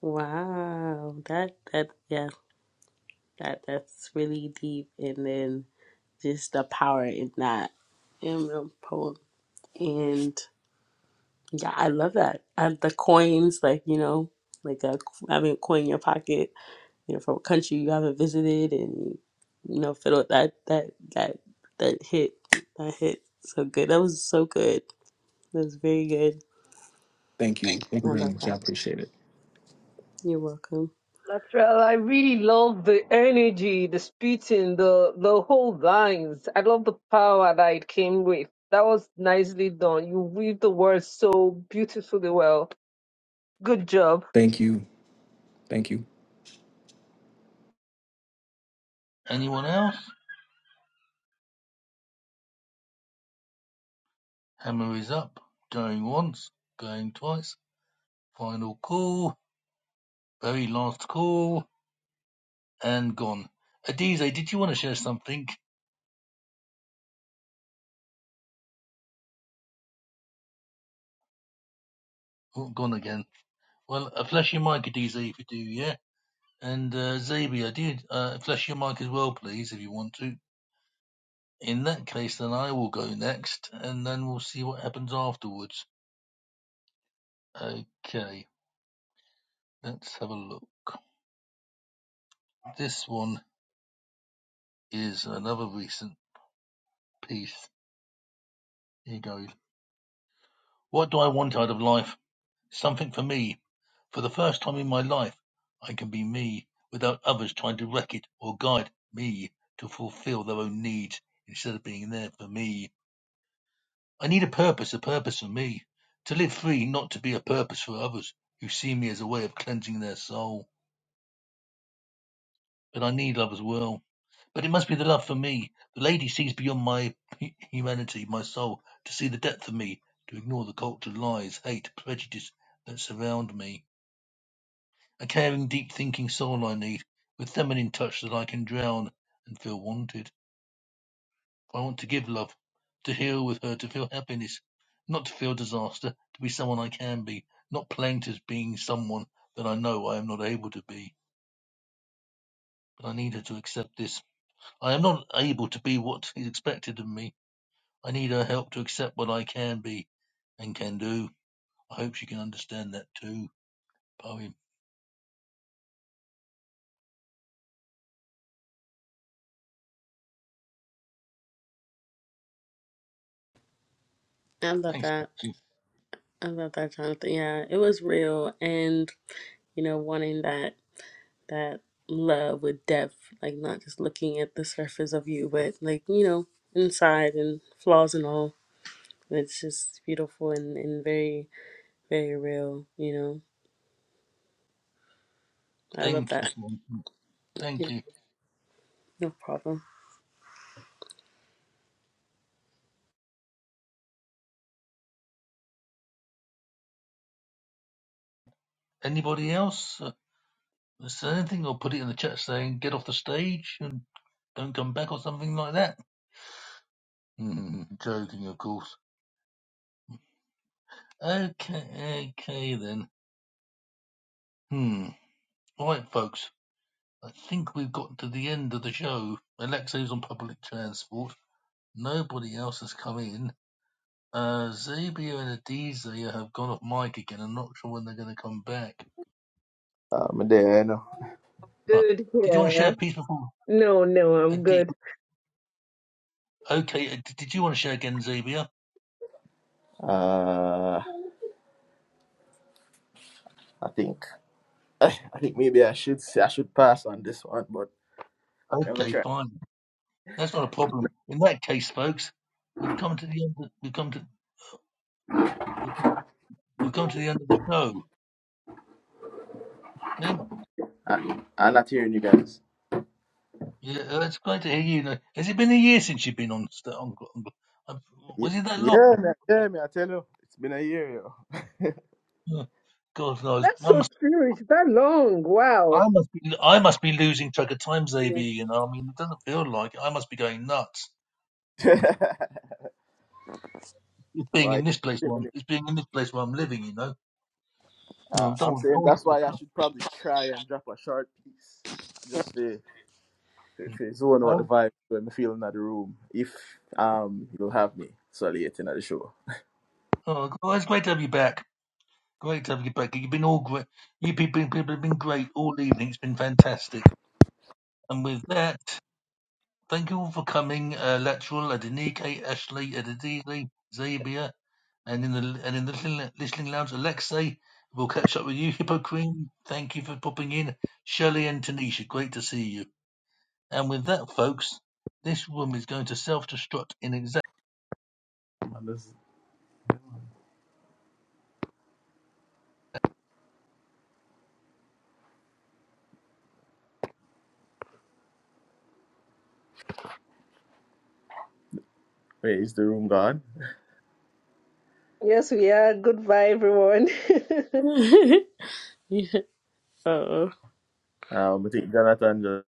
[SPEAKER 4] Wow. That that yeah, that that's really deep and then just the power in that in the poem. And Yeah, I love that. And the coins, like, you know, like uh, having a coin in your pocket, you know, from a country you haven't visited and, you know, fiddle that, that, that, that hit, that hit so good. That was so good. That was very good.
[SPEAKER 9] Thank you. Thank
[SPEAKER 4] I
[SPEAKER 9] you very
[SPEAKER 4] love
[SPEAKER 9] much. I
[SPEAKER 4] that.
[SPEAKER 9] appreciate it.
[SPEAKER 4] You're welcome.
[SPEAKER 3] Latrell, I really love the energy, the spitting, the the whole lines. I love the power that it came with. That was nicely done. You weave the words so beautifully well. Good job.
[SPEAKER 9] Thank you. Thank you.
[SPEAKER 1] Anyone else? Hammer is up. Going once, going twice. Final call, very last call, and gone. Adize, did you want to share something? Oh, gone again. Well, uh, flash your mic, Adize, if you do, yeah? And uh, Xavier, do you, uh, flash your mic as well, please, if you want to. In that case, then I will go next, and then we'll see what happens afterwards. Okay, let's have a look. This one is another recent piece. Here goes. What do I want out of life? Something for me. For the first time in my life, I can be me without others trying to wreck it or guide me to fulfill their own needs instead of being there for me. I need a purpose, a purpose for me. To live free, not to be a purpose for others who see me as a way of cleansing their soul. But I need love as well. But it must be the love for me. The lady sees beyond my hu- humanity, my soul, to see the depth of me, to ignore the cultured lies, hate, prejudice that surround me. A caring, deep thinking soul I need, with feminine touch that I can drown and feel wanted. I want to give love, to heal with her, to feel happiness, not to feel disaster, to be someone I can be, not planked as being someone that I know I am not able to be. But I need her to accept this. I am not able to be what is expected of me. I need her help to accept what I can be and can do. I hope she can understand that too. Poem.
[SPEAKER 4] I love
[SPEAKER 1] Thanks.
[SPEAKER 4] that. I love that, Jonathan. Yeah, it was real. And, you know, wanting that, that love with depth, like not just looking at the surface of you, but like, you know, inside and flaws and all It's just beautiful and, and very, very real, you know. I love
[SPEAKER 1] Thank
[SPEAKER 4] that.
[SPEAKER 1] you. Thank
[SPEAKER 4] Yeah,
[SPEAKER 1] you.
[SPEAKER 4] no problem.
[SPEAKER 1] Anybody else? Is there anything I'll put it in the chat saying get off the stage and don't come back or something like that? Hmm, joking, of course. Okay, okay then. Hmm. All right, folks. I think we've got to the end of the show. Alexei's on public transport. Nobody else has come in. Uh, Zabia and Adizia have gone off mic again. I'm not sure when they're going to come back.
[SPEAKER 2] Um then
[SPEAKER 1] Huh.
[SPEAKER 3] Good.
[SPEAKER 1] Did you want to
[SPEAKER 3] Yeah.
[SPEAKER 1] share a piece before?
[SPEAKER 3] No, no, I'm
[SPEAKER 1] Adi-
[SPEAKER 3] good.
[SPEAKER 1] okay, uh, d- did you want to share again, Zabia?
[SPEAKER 2] uh I think I think maybe I should say I should pass on this one, but I'm gonna
[SPEAKER 1] Okay,
[SPEAKER 2] try.
[SPEAKER 1] fine. That's not a problem. In that case, folks, we've come to the end. Of, we've come to we've come we've come to the end of the show. Hey,
[SPEAKER 2] I, I'm not hearing you guys.
[SPEAKER 1] Yeah, uh, it's great to hear you. Now, Has it been a year since you've been on? st- on, on on-
[SPEAKER 2] Yeah,
[SPEAKER 1] was it that long?
[SPEAKER 2] yeah, man. Yeah, man. I tell you, it's been a year, yo.
[SPEAKER 1] Uh, God knows.
[SPEAKER 3] That's
[SPEAKER 1] I
[SPEAKER 3] so
[SPEAKER 1] must.
[SPEAKER 3] true. It's that long. Wow.
[SPEAKER 1] I must be. I must be losing track of time,
[SPEAKER 4] Yeah.
[SPEAKER 1] Zabi. You know. I mean, it doesn't feel like it. I must be going nuts. It's being
[SPEAKER 2] Why?
[SPEAKER 1] in this place.
[SPEAKER 2] you
[SPEAKER 1] Where
[SPEAKER 2] know
[SPEAKER 1] I'm,
[SPEAKER 2] me.
[SPEAKER 1] it's being in this place where I'm living. You know. Oh,
[SPEAKER 2] Uh, I'm
[SPEAKER 1] don't.
[SPEAKER 2] saying
[SPEAKER 1] Oh,
[SPEAKER 2] that's
[SPEAKER 1] oh,
[SPEAKER 2] why I should probably try and drop a short piece. Just for for for zone out the
[SPEAKER 1] oh.
[SPEAKER 2] vibe when I'm feeling at the room. If um you'll have me so late in at the show.
[SPEAKER 1] oh, oh, it's great to have you back. Great to have you back. You've been all great. You people, people have been great all evening. It's been fantastic. And with that, thank you all for coming. Uh, Lateral, Adenike, Ashley, Adedele, Zabia, and in the and in the listening, listening lounge, Alexei. We'll catch up with you, Hippo Queen. Thank you for popping in, Shelley and Tanisha. Great to see you. And with that, folks, this room is going to self-destruct in exactly.
[SPEAKER 2] And this- Wait, is the room gone?
[SPEAKER 3] Yes, we are. Goodbye, everyone.
[SPEAKER 4] yeah. Oh.
[SPEAKER 2] Um, I think Jonathan